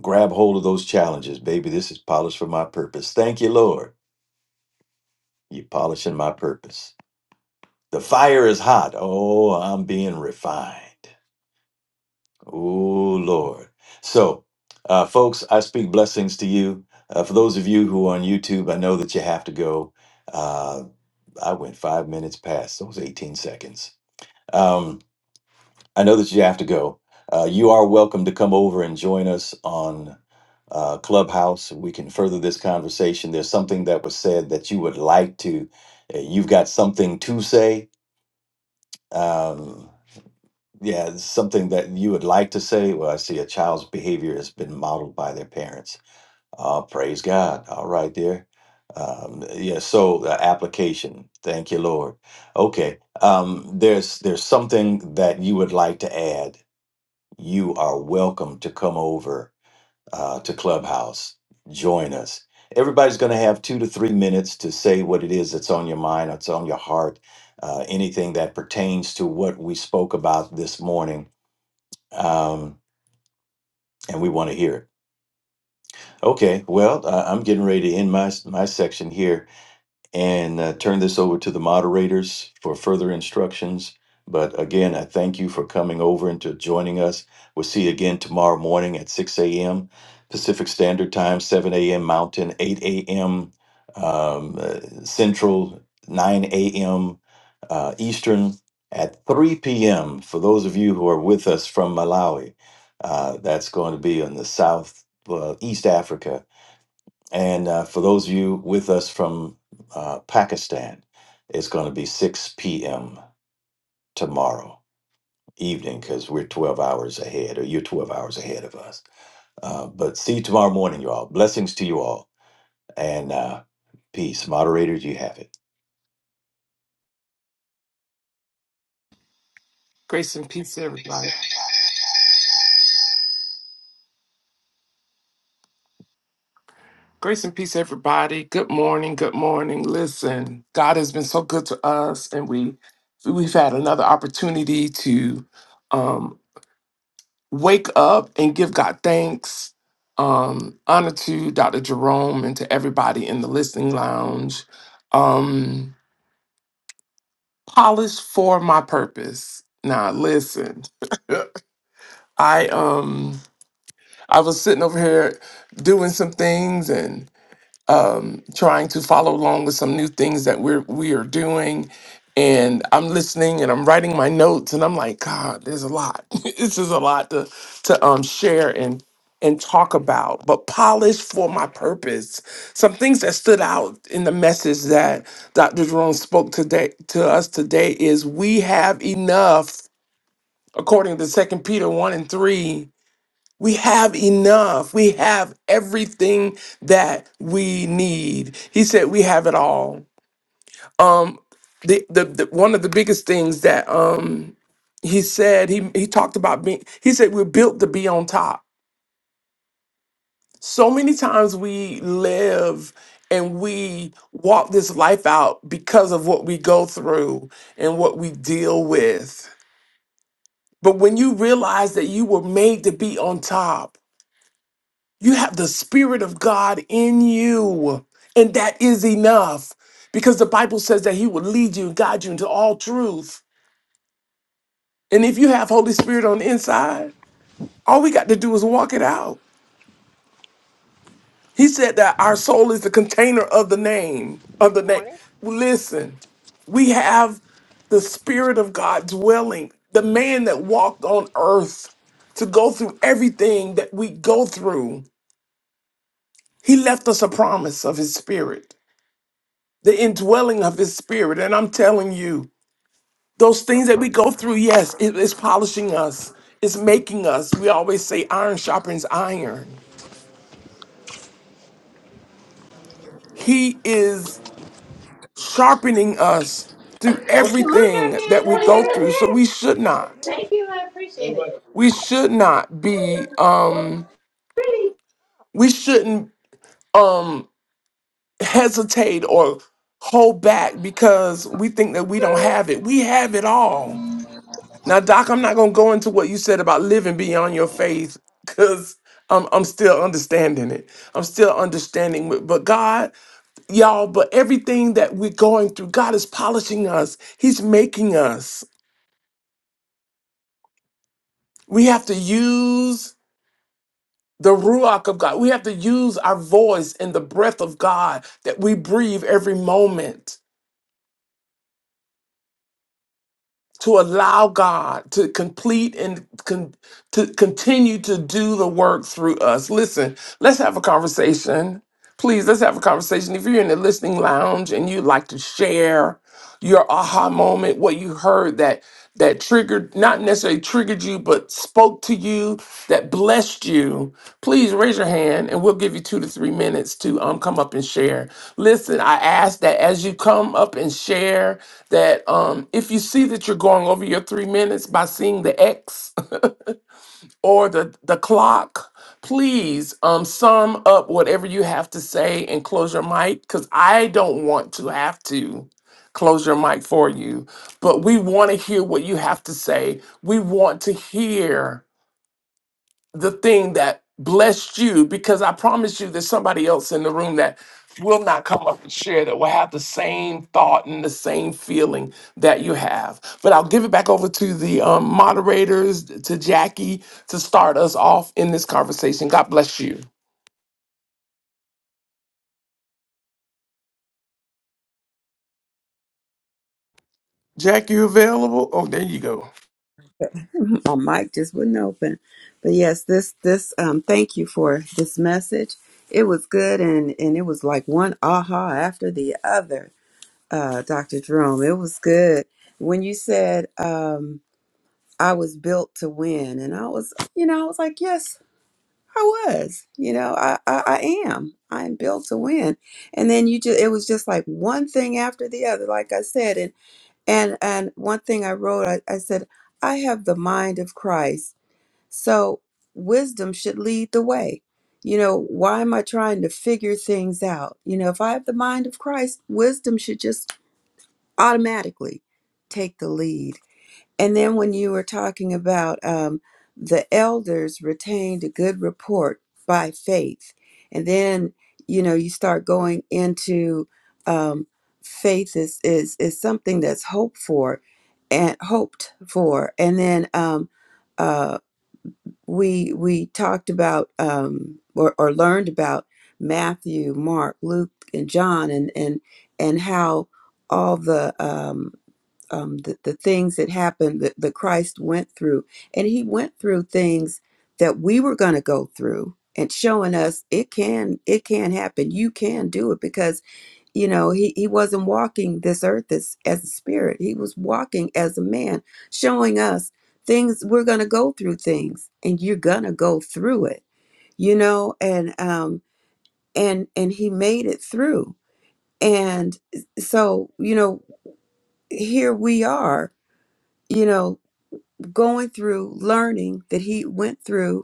Speaker 4: Grab hold of those challenges, baby. This is polished for my purpose. Thank you, Lord. You're polishing my purpose. The fire is hot. Oh, I'm being refined. Oh, Lord. So, uh, folks, I speak blessings to you. Uh, for those of you who are on YouTube, I know that you have to go. Uh, I went five minutes past, those 18 seconds. Um, I know that you have to go. Uh, you are welcome to come over and join us on uh, Clubhouse. We can further this conversation. There's something that was said that you would like to, uh, you've got something to say. Um, yeah, it's something that you would like to say. Well, I see a child's behavior has been modeled by their parents. Uh, praise God. All right, there. Um, yeah. So uh, application. Thank you, Lord. Okay. Um, there's there's something that you would like to add. You are welcome to come over uh, to Clubhouse. Join us. Everybody's going to have two to three minutes to say what it is that's on your mind, that's on your heart, uh, anything that pertains to what we spoke about this morning um, and we want to hear it. Okay, well, uh, I'm getting ready to end my my section here and uh, turn this over to the moderators for further instructions. But again, I thank you for coming over and to joining us. We'll see you again tomorrow morning at 6 a.m. Pacific Standard Time, 7 a.m. Mountain, 8 a.m. Um, uh, Central, 9 a.m. Uh, Eastern, at 3 p.m. For those of you who are with us from Malawi, uh, that's going to be on the South, uh, East Africa and uh, for those of you with us from uh, Pakistan, it's going to be 6 p.m. tomorrow evening because we're 12 hours ahead, or you're 12 hours ahead of us. Uh, but see you tomorrow morning, you all. Blessings to you all. And uh, peace. Moderators, you have it.
Speaker 1: Grace and peace, everybody. Grace and peace, everybody. Good morning. Good morning. Listen, God has been so good to us, and we we've had another opportunity to um, wake up and give God thanks, um, honor to Dr. Jerome and to everybody in the listening lounge. Um, polished for my purpose. Now, listen, I um I was sitting over here doing some things um, trying to follow along with some new things that we're we are doing. And I'm listening and I'm writing my notes and I'm like, God, there's a lot. this is a lot to to um share and and talk about, but polish for my purpose. Some things that stood out in the message that Dr. Jerome spoke today to us today is we have enough, according to Second Peter 1 and 3 we have enough. We have everything that we need. He said we have it all. Um the the, the one of the biggest things that um he said he he talked about being he said we're built to be on top. So many times we live and we walk this life out because of what we go through and what we deal with. But when you realize that you were made to be on top, You have the Spirit of God in you, and that is enough because the Bible says that He will lead you and guide you into all truth. And if you have Holy Spirit on the inside, all we got to do is walk it out. He said that our soul is the container of the name, of the
Speaker 2: Good
Speaker 1: name.
Speaker 2: morning.
Speaker 1: Listen, we have the Spirit of God dwelling, the man that walked on earth to go through everything that we go through. He left us a promise of His Spirit. the indwelling of his spirit. And I'm telling you, those things that we go through, yes, it is polishing us, it's making us. We always say iron sharpens iron. He is sharpening us through everything that we go through. So we should not, we should not be um we shouldn't um hesitate or hold back because we think that we don't have it. We have it all Now, Doc, I'm not gonna go into what you said about living beyond your faith, because I'm I'm still understanding it. I'm still understanding it. But God, y'all, but everything that we're going through, God is polishing us. He's making us. We have to use the ruach of God. We have to use our voice and the breath of God that we breathe every moment to allow God to complete and con- to continue to do the work through us. Listen, let's have a conversation. Please, let's have a conversation. If you're in the listening lounge and you'd like to share, your aha moment, what you heard that that triggered, not necessarily triggered you, but spoke to you, that blessed you, please raise your hand and we'll give you two to three minutes to um come up and share. Listen, I ask that as you come up and share that um if you see that you're going over your three minutes by seeing the X or the, the clock, please um, sum up whatever you have to say and close your mic because I don't want to have to close your mic for you. But we want to hear what you have to say. We want to hear the thing that blessed you because I promise you there's somebody else in the room that will not come up and share that will have the same thought and the same feeling that you have. But I'll give it back over to the um, moderators, to Jackie, to start us off in this conversation. God bless you. Jackie, you available? Oh, there you go.
Speaker 6: My mic just wouldn't open. But yes, this this um thank you for this message. It was good and and it was like one aha after the other. Uh Dr. Jerome, it was good. When you said um I was built to win and I was you know, I was like, "Yes, I was." You know, I I, I am. I am built to win. And then you just it was just like one thing after the other like I said and and and one thing I wrote I, I said I have the mind of Christ so wisdom should lead the way. You know, why am I trying to figure things out? You know, if I have the mind of Christ, wisdom should just automatically take the lead. And then when you were talking about um, the elders retained a good report by faith, and then you know you start going into um, faith is is is something that's hoped for and hoped for, and then um, uh, we we talked about um, or, or learned about Matthew, Mark, Luke, and John, and and and how all the um, um, the, the things that happened that, that Christ went through, and he went through things that we were going to go through, and showing us it can it can happen. You can do it because you know he, he wasn't walking this earth as, as a spirit he was walking as a man showing us things we're going to go through things and you're going to go through it you know and um and and he made it through and so you know here we are you know going through learning that he went through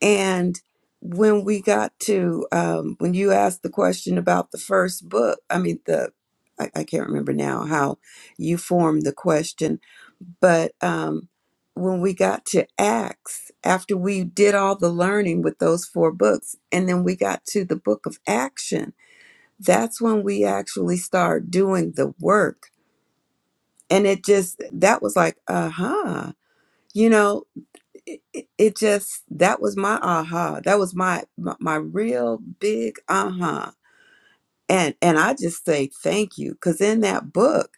Speaker 6: And when we got to um, when you asked the question about the first book, I mean the I, I can't remember now how you formed the question, but um, when we got to Acts, after we did all the learning with those four books, and then we got to the book of action, that's when we actually start doing the work. And it just that was like, uh huh, you know it, it it just that was my aha that was my my, my real big uh-huh and and i just say thank you because in that book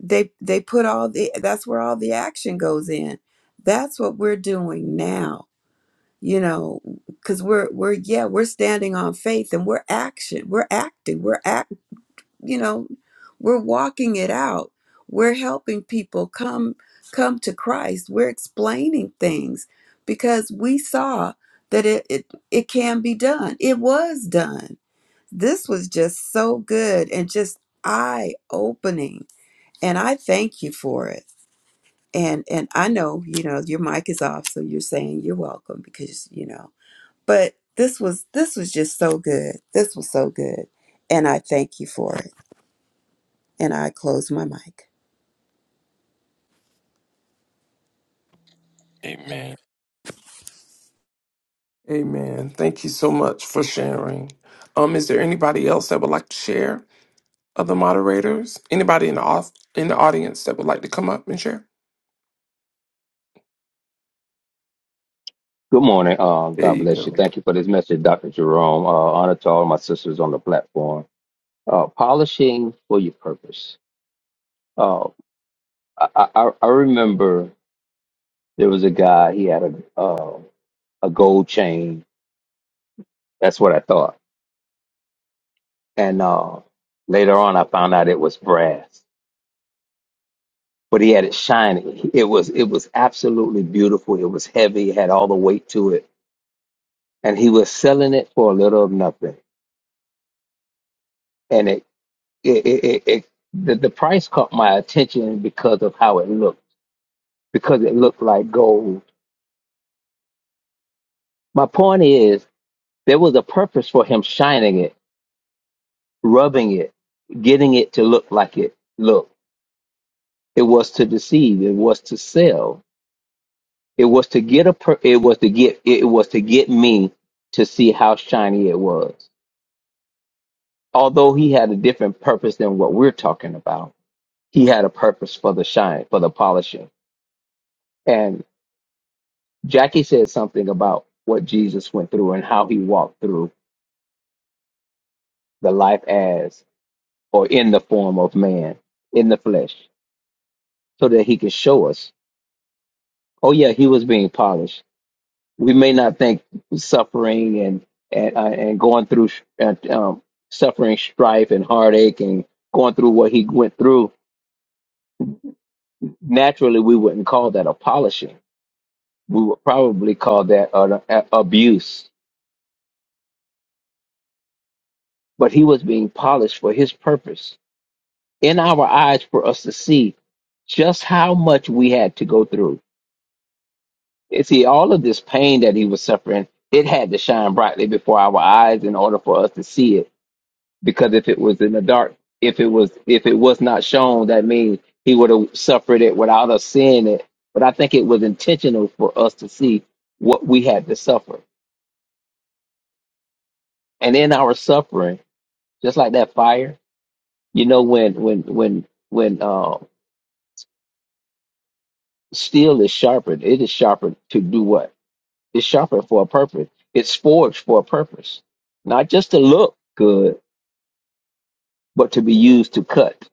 Speaker 6: they they put all the that's where all the action goes in that's what we're doing now you know because we're we're yeah we're standing on faith and we're action we're acting we're acting you know we're walking it out we're helping people come come to christ we're explaining things because we saw that it it, it can be done it was done this was just so good and just eye opening and i thank you for it and and i know you know your mic is off so you're saying you're welcome because you know but this was this was just so good this was so good and i thank you for it and I close my mic.
Speaker 1: Amen. Amen. Thank you so much for sharing. Um, is there anybody else that would like to share? Other moderators? Anybody in the off in the audience that would like to come up and share?
Speaker 3: Good morning. Um,
Speaker 1: There
Speaker 3: God
Speaker 1: you
Speaker 3: bless you.
Speaker 1: go.
Speaker 3: Thank you for this message, Dr. Jerome. Uh, honor to all my sisters on the platform. Uh, polishing for your purpose. Uh, I, I, I remember there was a guy, he had a, uh, a gold chain. That's what I thought. And uh, later on, I found out it was brass, but he had it shiny. It was, it was absolutely beautiful. It was heavy, it had all the weight to it. And he was selling it for a little of nothing it, it, it, it the, the price caught my attention because of how it looked, because it looked like gold. My point is, there was a purpose for him shining it, rubbing it, getting it to look like it looked. It was to deceive. It was to sell. It was to get a. Per- it was to get. It was to get me to see how shiny it was. Although he had a different purpose than what we're talking about, he had a purpose for the shine, for the polishing Jackie said something about what Jesus went through and how he walked through the life as or in the form of man, in the flesh, so that he could show us, oh yeah, he was being polished. We may not think suffering and and uh, and going through sh- uh, um, suffering, strife, and heartache, and going through what he went through. Naturally, we wouldn't call that a polishing. We would probably call that an a- abuse. But he was being polished for his purpose in our eyes for us to see just how much we had to go through. And see, all of this pain that he was suffering, it had to shine brightly before our eyes in order for us to see it. Because if it was in the dark, if it was if it was not shown, that means he would have suffered it without us seeing it. But I think it was intentional for us to see what we had to suffer. And in our suffering, just like that fire, you know, when when when when uh, steel is sharpened, it is sharpened to do what? It's shopping for a purpose. It's forged for a purpose, not just to look good, but to be used to cut.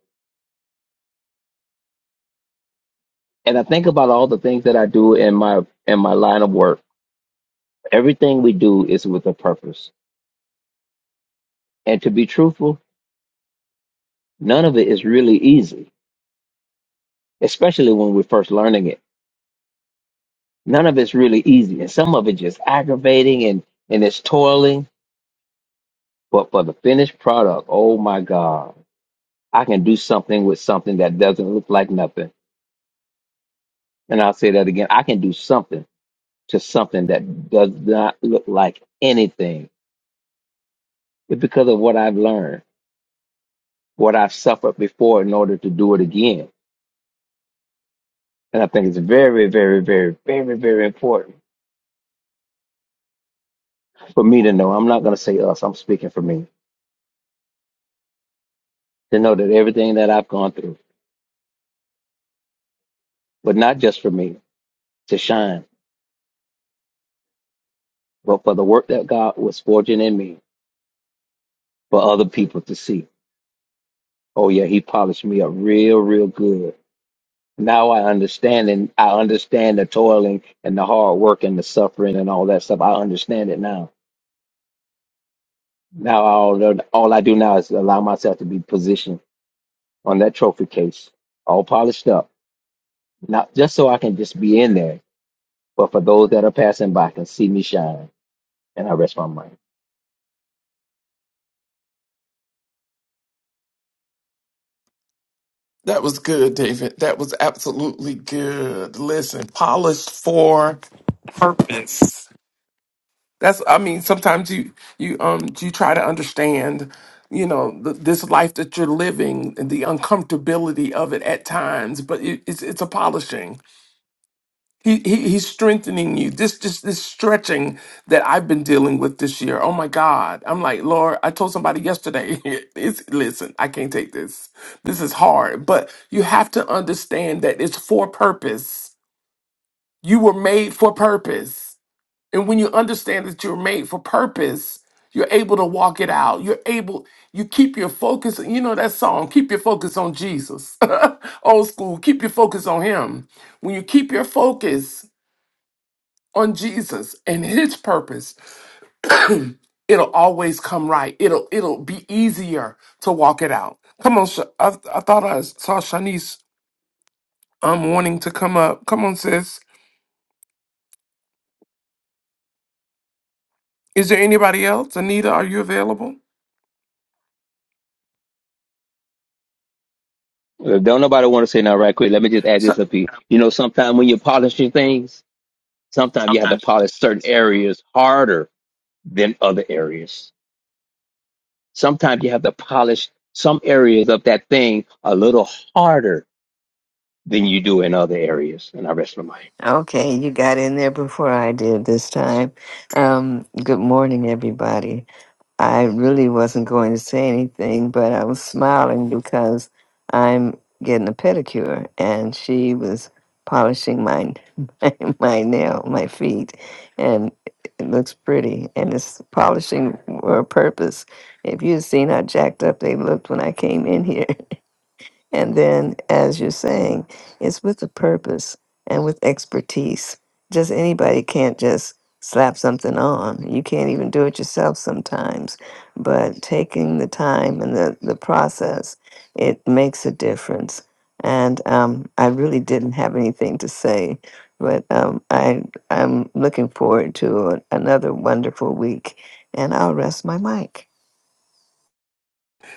Speaker 3: And I think about all the things that I do in my in my line of work. Everything we do is with a purpose. And to be truthful, none of it is really easy, especially when we're first learning it. None of it's really easy, and some of it just aggravating and and it's toiling. But for the finished product, oh my God, I can do something with something that doesn't look like nothing. And I'll say that again. I can do something to something that does not look like anything. It's because of what I've learned, what I've suffered before in order to do it again. And I think it's very, very, very, very, very important for me to know. I'm not going to say us, I'm speaking for me, to know that everything that I've gone through, but not just for me to shine, but for the work that God was forging in me for other people to see. Oh, yeah, he polished me up real, real good Now I understand, and I understand the toiling and the hard work and the suffering and all that stuff. I understand it now. Now all all I do now is allow myself to be positioned on that trophy case, all polished up, not just so I can just be in there, but for those that are passing by can see me shine. And I rest my mind.
Speaker 1: That was good, David. That was absolutely good. Listen, polished for purpose. That's I mean, sometimes you you um you try to understand, you know, th- this life that you're living and the uncomfortability of it at times, but it, it's it's a polishing. He, he he's strengthening you. This just this stretching that I've been dealing with this year. Oh my God! I'm like Lord. I told somebody yesterday. It's listen. I can't take this. This is hard. But you have to understand that it's for purpose. You were made for purpose, and when you understand that you're made for purpose, you're able to walk it out. You're able. You keep your focus. You know that song. Keep your focus on Jesus. Old school. Keep your focus on Him. When you keep your focus on Jesus and his purpose, it'll always come right. It'll it'll be easier to walk it out. Come on, Sh- I, I thought I saw Shanice um wanting to come up. Come on, sis. Is there anybody else? Anita, are you available?
Speaker 3: If Don't nobody want to say nothing right quick. Let me just add this up here. You know, sometimes when you're polishing things, sometimes you have to polish certain areas harder than other areas Sometimes you have to polish some areas of that thing a little harder than you do in other areas. And I rest my mind.
Speaker 5: okay. You got in there before I did this time. Um, good morning, everybody. I really wasn't going to say anything, but I was smiling because I'm getting a pedicure, and she was polishing my my, my nail, my feet, and it looks pretty. And it's polishing for a purpose. If you had seen how jacked up they looked when I came in here. And then, as you're saying, it's with a purpose and with expertise. Just anybody can't just slap something on. You can't even do it yourself sometimes. But taking the time and the, the process, it makes a difference. And um, I really didn't have anything to say, but um, I, I'm looking forward to another wonderful week. And I'll rest my mic.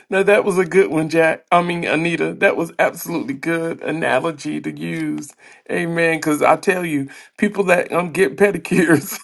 Speaker 1: No, that was a good one, Jack. I mean, Anita, that was absolutely good analogy to use. Amen. Because I tell you, people that um get pedicures,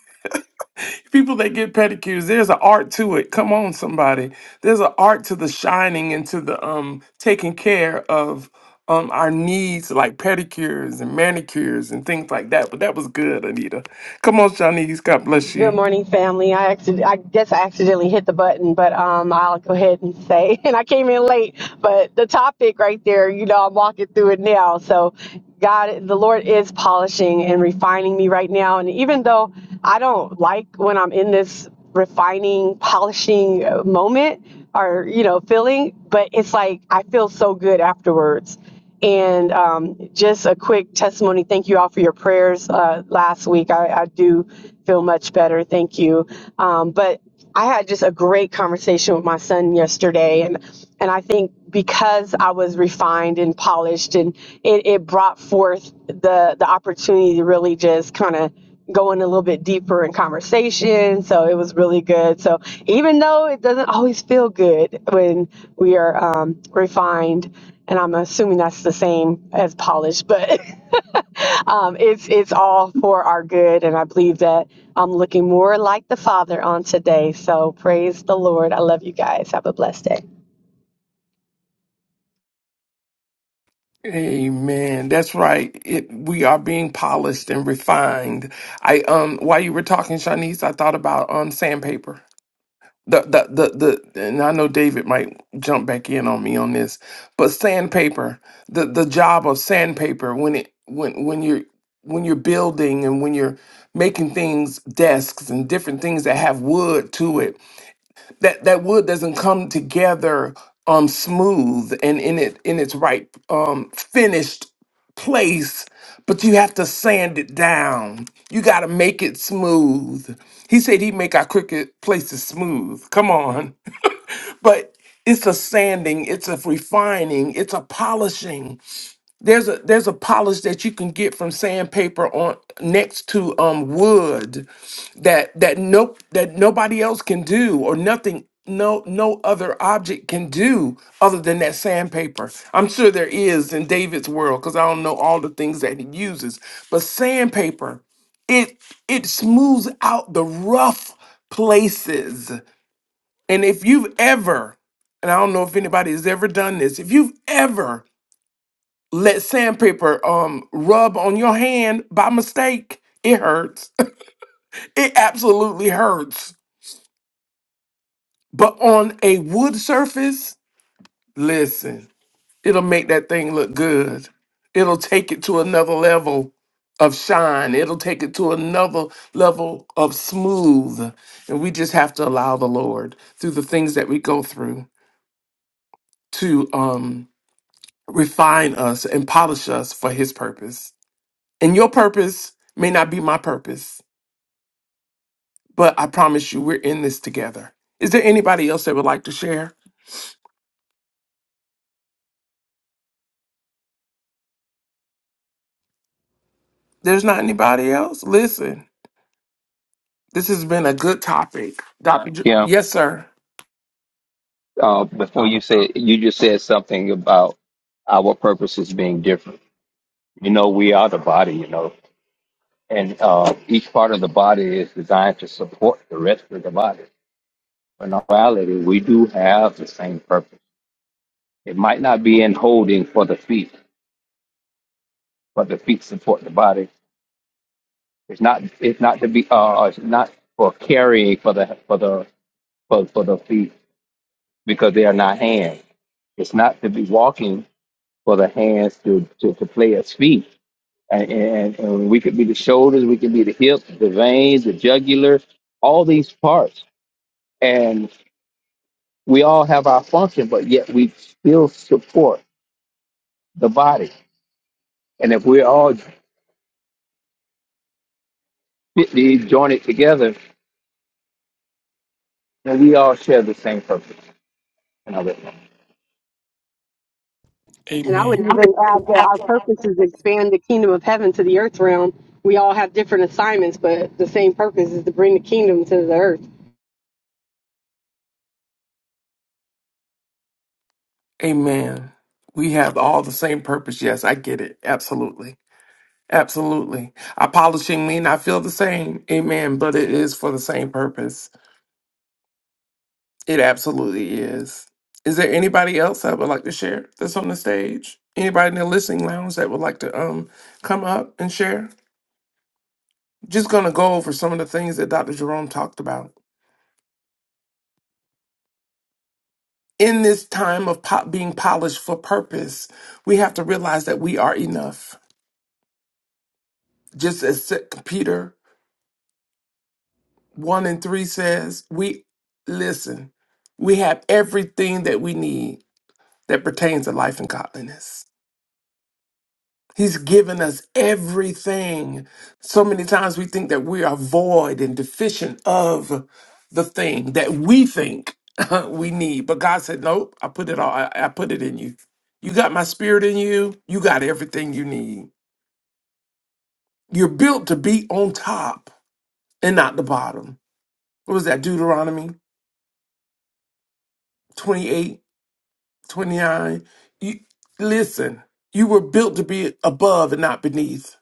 Speaker 1: people that get pedicures, there's an art to it. Come on, somebody. There's an art to the shining and to the um taking care of um our needs, like pedicures and manicures and things like that. But that was good, Anita. Come on, Shanice. God bless
Speaker 7: Good
Speaker 1: you.
Speaker 7: morning, family. I accident, I guess I accidentally hit the button, but um, I'll go ahead and say, and I came in late, but the topic right there, you know, I'm walking through it now. So, God, the Lord is polishing and refining me right now. And even though I don't like when I'm in this refining, polishing uh, moment or, you know, feeling, but it's like I feel so good afterwards. And um, just a quick testimony. Thank you all for your prayers uh, last week. I, I do feel much better. Thank you. Um, but I had just a great conversation with my son yesterday, and and I think because I was refined and polished, and it, it brought forth the the opportunity to really just kind of going a little bit deeper in conversation. So it was really good. So even though it doesn't always feel good when we are um, refined, and I'm assuming that's the same as polished, but um, it's it's all for our good. And I believe that I'm looking more like the Father on today. So praise the Lord. I love you guys. Have a blessed day.
Speaker 1: Amen. That's right. It we are being polished and refined. I um while you were talking, Shanice, I thought about um sandpaper. The the the the and I know David might jump back in on me on this, but sandpaper, the the job of sandpaper when it when when you're when you're building and when you're making things desks and different things that have wood to it that that wood doesn't come together um smooth and in it in its right um finished place but you have to sand it down you got to make it smooth he said he'd make our cricket places smooth come on but it's a sanding it's a refining it's a polishing there's a there's a polish that you can get from sandpaper on next to um wood that that nope that nobody else can do or nothing no no other object can do other than that sandpaper. I'm sure there is in David's world because I don't know all the things that he uses, but sandpaper it it smooths out the rough places. And if you've ever and I don't know if anybody has ever done this. If you've ever let sandpaper um rub on your hand by mistake, it hurts. It absolutely hurts. But on a wood surface, listen, it'll make that thing look good. It'll take it to another level of shine. It'll take it to another level of smooth. And we just have to allow the Lord through the things that we go through to um refine us and polish us for his purpose. And your purpose may not be my purpose But I promise you, we're in this together. Is there anybody else that would like to share? There's not anybody else. Listen, this has been a good topic. Dr. J-
Speaker 3: Yeah.
Speaker 1: yes, sir.
Speaker 3: Uh, before you said, you just said something about our purposes being different. You know, we are the body, you know, and uh, each part of the body is designed to support the rest of the body. But In reality, we do have the same purpose. It might not be in holding for the feet, but the feet support the body It's not it's not to be uh uh, it's not for carrying for the for the for, for the feet because they are not hands. It's not to be walking for the hands to to, to play as feet. And, and and we could be the shoulders, we could be the hips, the veins, the jugular, all these parts. And we all have our function, but yet we still support the body. And if we're all fitly jointed together, then we all share the same purpose. And I
Speaker 7: And I would
Speaker 1: Amen.
Speaker 7: even add that our purpose is to expand the kingdom of heaven to the earth realm. We all have different assignments, but the same purpose is to bring the kingdom to the earth.
Speaker 1: Amen. We have all the same purpose. Yes, I get it. Absolutely. Absolutely. I polishing mean I feel the same. Amen. But it is for the same purpose. It absolutely is. Is there anybody else that would like to share that's on the stage? Anybody in the listening lounge that would like to um come up and share? just going to go over some of the things that Dr. Jerome talked about. In this time of po- being polished for purpose, we have to realize that we are enough. Just as Se- Peter 1 and 3 says, we listen, we have everything that we need that pertains to life and godliness. He's given us everything. So many times we think that we are void and deficient of the thing that we think we need. But God said, Nope, I put it all, I, I put it in you. You got my spirit in you. You got everything you need. You're built to be on top and not the bottom. What was that? Deuteronomy 28, 29. You listen, you were built to be above and not beneath.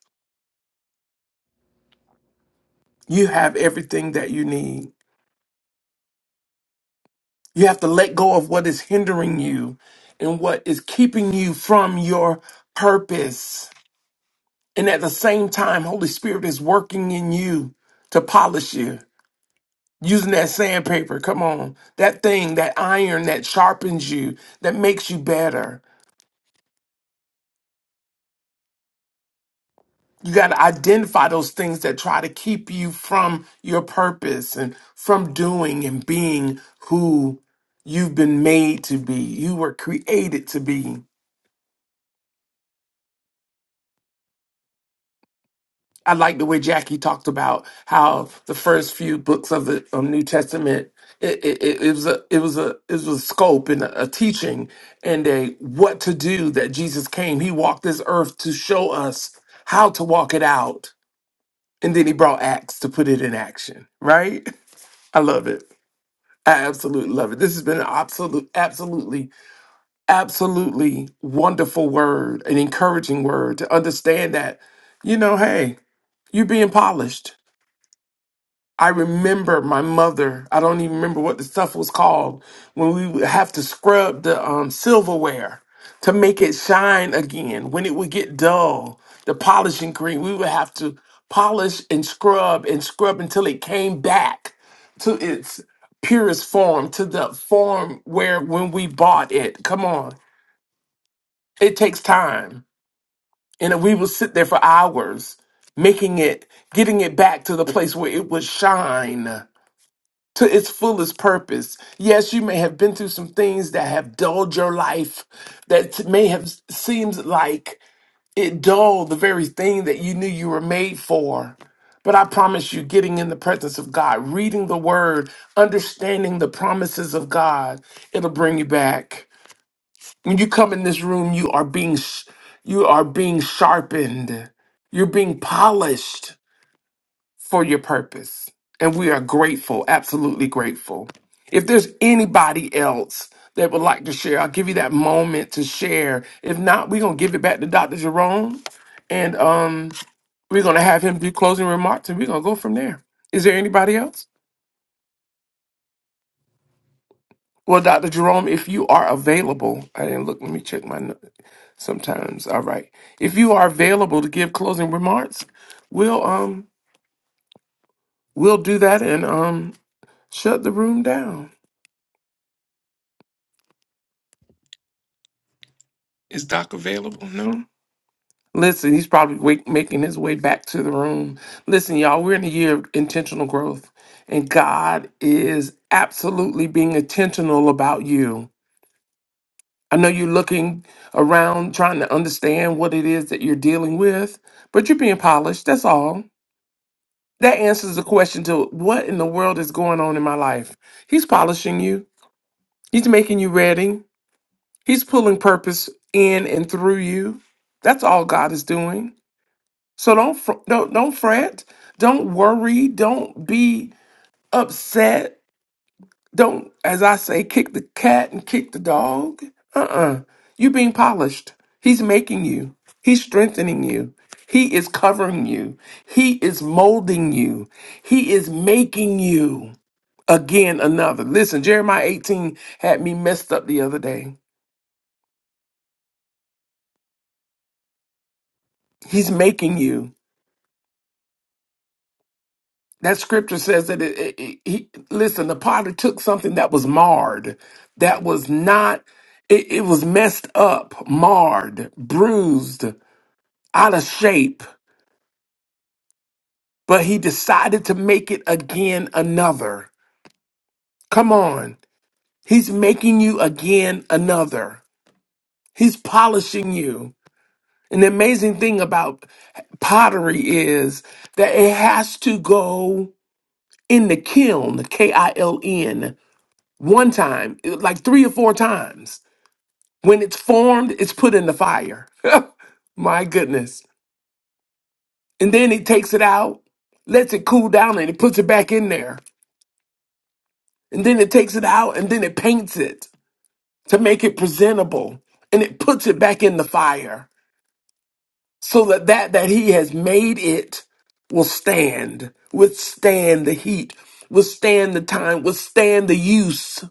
Speaker 1: You have everything that you need. You have to let go of what is hindering you and what is keeping you from your purpose. And at the same time, Holy Spirit is working in you to polish you using that sandpaper. Come on. That thing, that iron that sharpens you, that makes you better. You got to identify those things that try to keep you from your purpose and from doing and being who you've been made to be, you were created to be. I like the way Jackie talked about how the first few books of the um, New Testament it, it, it it was a it was a it was a scope and a, a teaching and a what to do that Jesus came. He walked this earth to show us how to walk it out, and then he brought Acts to put it in action. Right? I love it. I absolutely love it. This has been an absolute, absolutely, absolutely wonderful word, an encouraging word to understand that, you know, hey, you're being polished I remember my mother. I don't even remember what the stuff was called when we would have to scrub the um, silverware to make it shine again. When it would get dull, the polishing cream, we would have to polish and scrub and scrub until it came back to its purest form, to the form where when we bought it. Come on, it takes time. And we would sit there for hours making it, getting it back to the place where it would shine to its fullest purpose. Yes, you may have been through some things that have dulled your life, that may have seemed like it dulled the very thing that you knew you were made for. But I promise you, getting in the presence of God, reading the word, understanding the promises of God, it'll bring you back. When you come in this room, you are being sh- you are being sharpened. You're being polished for your purpose. And we are grateful, absolutely grateful. If there's anybody else that would like to share, I'll give you that moment to share. If not, we're going to give it back to Dr. Jerome and um, we're going to have him do closing remarks and we're going to go from there. Is there anybody else? Well, Dr. Jerome, if you are available, I didn't look, let me check my note sometimes. All right. If you are available to give closing remarks, we'll um we'll do that and um shut the room down. Is Doc available? No. Listen, he's probably wait, making his way back to the room. Listen, y'all, we're in a year of intentional growth, and God is absolutely being intentional about you. I know you're looking around trying to understand what it is that you're dealing with, but you're being polished. That's all. That answers the question to what in the world is going on in my life. He's polishing you, He's making you ready, He's pulling purpose in and through you. That's all God is doing. So don't fr- don't don't fret. Don't worry. Don't be upset. Don't, as I say, kick the cat and kick the dog. Uh-uh. You're being polished. He's making you. He's strengthening you. He is covering you. He is molding you. He is making you again another. Listen, Jeremiah 18 had me messed up the other day. He's making you. That scripture says that it, it- it- he listen. The potter took something that was marred, that was not. It, it was messed up, marred, bruised, out of shape. But he decided to make it again another. Come on, he's making you again another. He's polishing you. And the amazing thing about pottery is that it has to go in the kiln, K I L N one time, it- like three or four times. When it's formed, it's put in the fire. My goodness. And then he takes it out, lets it cool down, and he puts it back in there. And then it takes it out, and then it paints it to make it presentable. And it puts it back in the fire so that that, that he has made it will stand, withstand the heat, withstand the time, withstand the use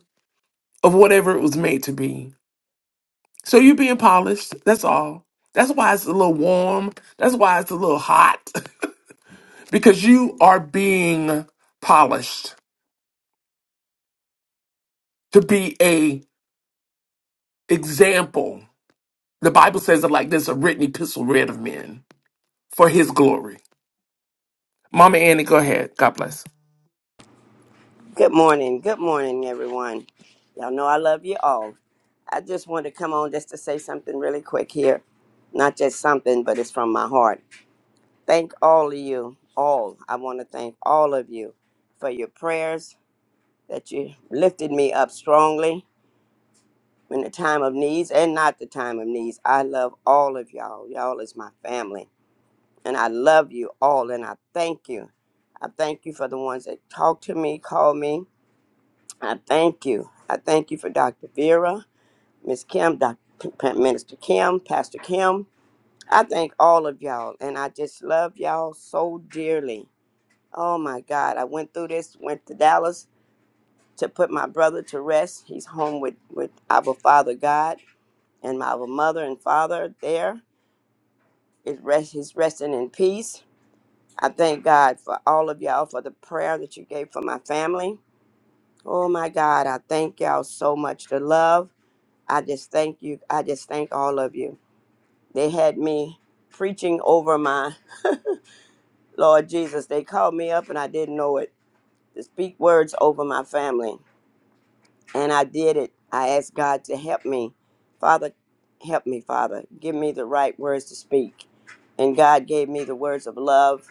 Speaker 1: of whatever it was made to be. So you're being polished. That's all. That's why it's a little warm. That's why it's a little hot because you are being polished to be a example. The Bible says it like this: a written epistle read of men for His glory. Mama Annie, go ahead. God bless.
Speaker 8: Good morning. Good morning, everyone. Y'all know I love you all. I just wanted to come on just to say something really quick here. Not just something, but it's from my heart. Thank all of you, all. I want to thank all of you for your prayers that you lifted me up strongly in the time of needs and not the time of needs. I love all of y'all. Y'all is my family. And I love you all and I thank you. I thank you for the ones that talk to me, call me, I thank you. I thank you for Dr. Vera, Miss Kim, Dr. Minister Kim, Pastor Kim. I thank all of y'all, and I just love y'all so dearly. Oh my God, I went through this, went to Dallas to put my brother to rest. He's home with, with our Father God, and my our mother and father there is rest. He's resting in peace. I thank God for all of y'all for the prayer that you gave for my family. Oh my God, I thank y'all so much. The love. I just thank you. I just thank all of you. They had me preaching over my Lord Jesus. They called me up and I didn't know it to speak words over my family. And I did it. I asked God to help me. Father, help me, Father. Give me the right words to speak. And God gave me the words of love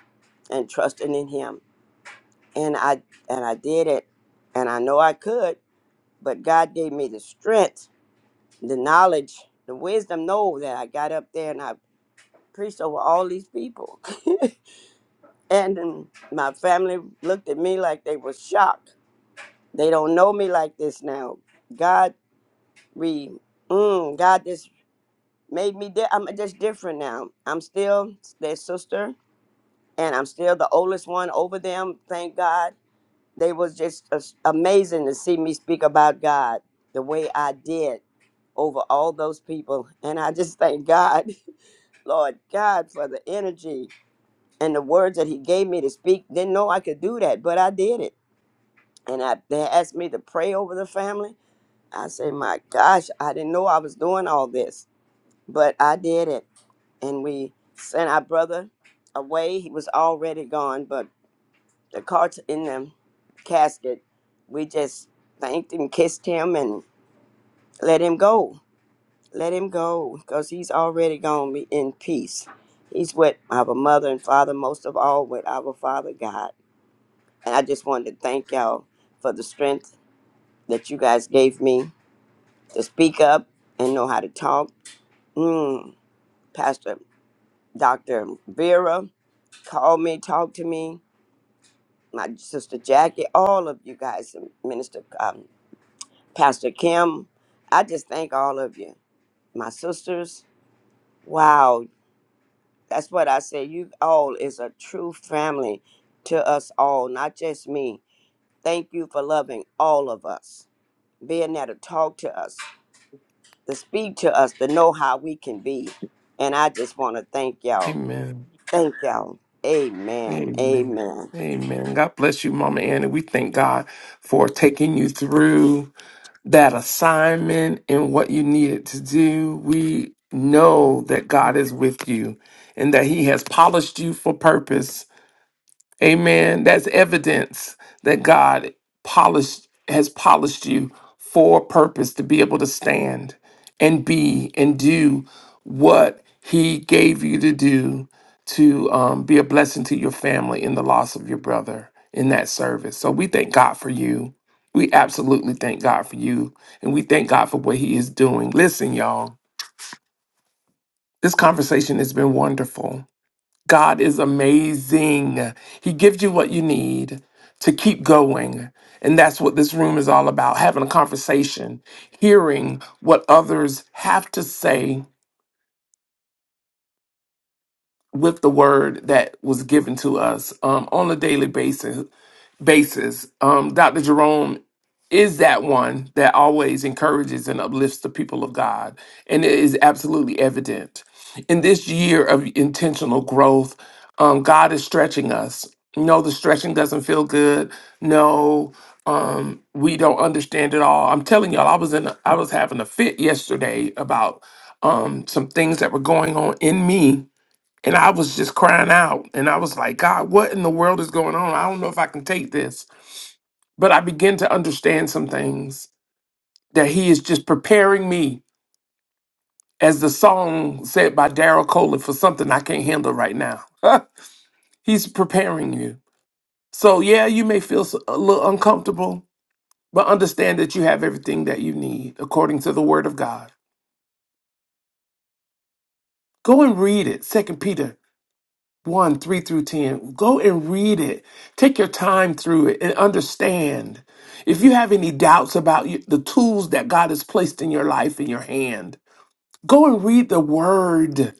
Speaker 8: and trusting in him. And I and I did it. And I know I could, but God gave me the strength, the knowledge, the wisdom, know that I got up there and I priest over all these people. and, then my family looked at me like they were shocked. They don't know me like this now. God re mm, God just made me di- I'm just different now. I'm still their sister and I'm still the oldest one over them, thank God. They was just as- amazing to see me speak about God the way I did over all those people. And I just thank God, Lord God, for the energy and the words that he gave me to speak didn't know i could do that but i did it and I, they asked me to pray over the family i say my gosh i didn't know i was doing all this but i did it and we sent our brother away he was already gone but the cards in the casket we just thanked and kissed him and let him go let him go because he's already gone be in peace he's with our mother and father most of all with our father god And I just wanted to thank y'all for the strength that you guys gave me to speak up and know how to talk. Mm, Pastor Dr. Vera called me, talked to me, my sister Jackie, all of you guys, and Minister um, Pastor Kim. I just thank all of you. My sisters, wow, that's what I say. You all is a true family to us all, not just me. Thank you for loving all of us, being there to talk to us, to speak to us to know how we can be. And I just want to thank y'all.
Speaker 1: Amen.
Speaker 8: Thank y'all. Amen.
Speaker 1: Amen.
Speaker 8: Amen.
Speaker 1: Amen. God bless you, Mama Annie. We thank God for taking you through. that assignment and what you needed to do. We know that God is with you and that He has polished you for purpose Amen. That's evidence that God polished has polished you for a purpose to be able to stand and be and do what He gave you to do to um, be a blessing to your family in the loss of your brother in that service. So we thank God for you. We absolutely thank God for you, and we thank God for what He is doing. Listen, y'all, this conversation has been wonderful. God is amazing. He gives you what you need to keep going. And that's what this room is all about having a conversation, hearing what others have to say with the word that was given to us um, on a daily basis basis. Um, Dr. Jerome is that one that always encourages and uplifts the people of God, and it is absolutely evident. In this year of intentional growth, um, God is stretching us. No, the stretching doesn't feel good. No, um, we don't understand it all. I'm telling y'all, I was in, a, I was having a fit yesterday about um, some things that were going on in me and I was just crying out. And I was like, God, what in the world is going on? I don't know if I can take this. But I began to understand some things that He is just preparing me, as the song said by Daryl Coley, for something I can't handle right now. He's preparing you. So, yeah, you may feel s- a little uncomfortable, but understand that you have everything that you need according to the Word of God. Go and read it, Second Peter 1 3 through 10. Go and read it. Take your time through it and understand. If you have any doubts about you- the tools that God has placed in your life in your hand, go and read the word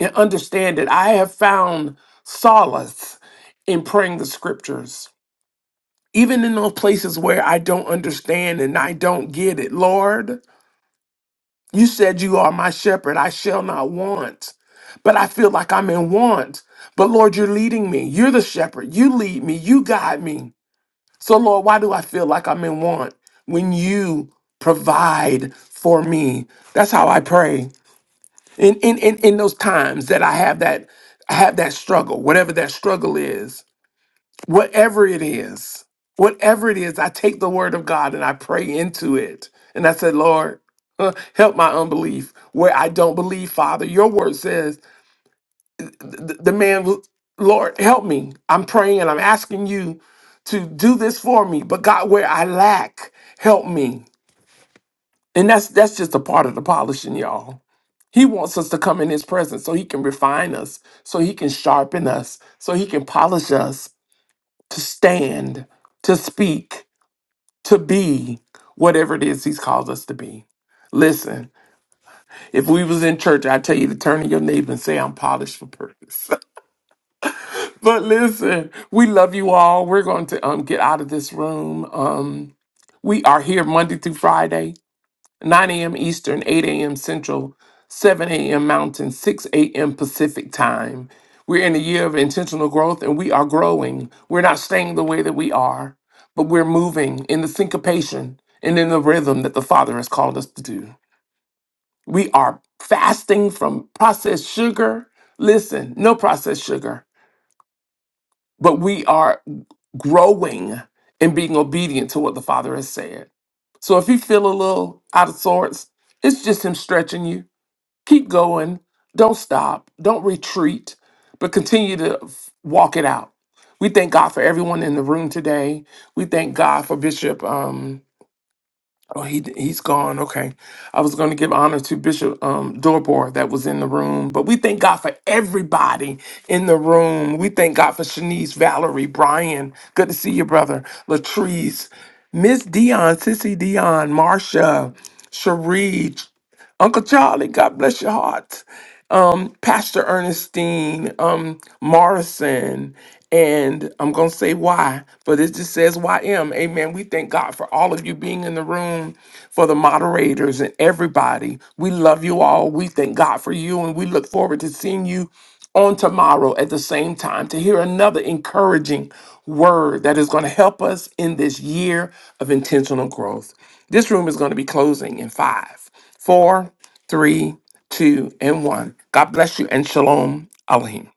Speaker 1: and understand it. I have found solace in praying the scriptures, even in those places where I don't understand and I don't get it. Lord, you said you are my shepherd. I shall not want. But I feel like I'm in want. But Lord, you're leading me. You're the shepherd. You lead me. You guide me. So, Lord, why do I feel like I'm in want when you provide for me? That's how I pray. In, in, in, in those times that I have that I have that struggle, whatever that struggle is, whatever it is, whatever it is, I take the word of God and I pray into it. And I said, Lord, uh, help my unbelief where I don't believe, Father. Your word says, the, the man, w- Lord, help me. I'm praying and I'm asking you to do this for me. But God, where I lack, help me. And that's that's just a part of the polishing, y'all. He wants us to come in his presence so he can refine us, so he can sharpen us, so he can polish us to stand, to speak, to be whatever it is he's called us to be. Listen, if we was in church, I'd tell you to turn to your neighbor and say, I'm polished for purpose. but listen, we love you all. We're going to um, get out of this room. Um, we are here Monday through Friday. 9 a.m. Eastern, 8 a.m. Central, 7 a.m. Mountain, 6 a.m. Pacific time. We're in a year of intentional growth and we are growing. We're not staying the way that we are, but we're moving in the syncopation and in the rhythm that the Father has called us to do. We are fasting from processed sugar. Listen, no processed sugar, but we are growing and being obedient to what the Father has said. So if you feel a little out of sorts, it's just Him stretching you. Keep going. Don't stop. Don't retreat, but continue to f- walk it out. We thank God for everyone in the room today. We thank God for Bishop. Um, oh, he he's gone. Okay, I was going to give honor to Bishop um, Dorbor that was in the room, but we thank God for everybody in the room. We thank God for Shanice, Valerie, Brian. Good to see you, brother. Latrice, Miss Dion, Sissy Dion, Marsha, Cherie, Uncle Charlie, God bless your heart um, Pastor Ernestine um, Morrison, and I'm going to say why, but it just says YM. Amen. We thank God for all of you being in the room, for the moderators and everybody. We love you all. We thank God for you, and we look forward to seeing you on tomorrow at the same time to hear another encouraging word that is going to help us in this year of intentional growth. This room is going to be closing in five, Four, three, two, and one. God bless you and shalom, Aleem.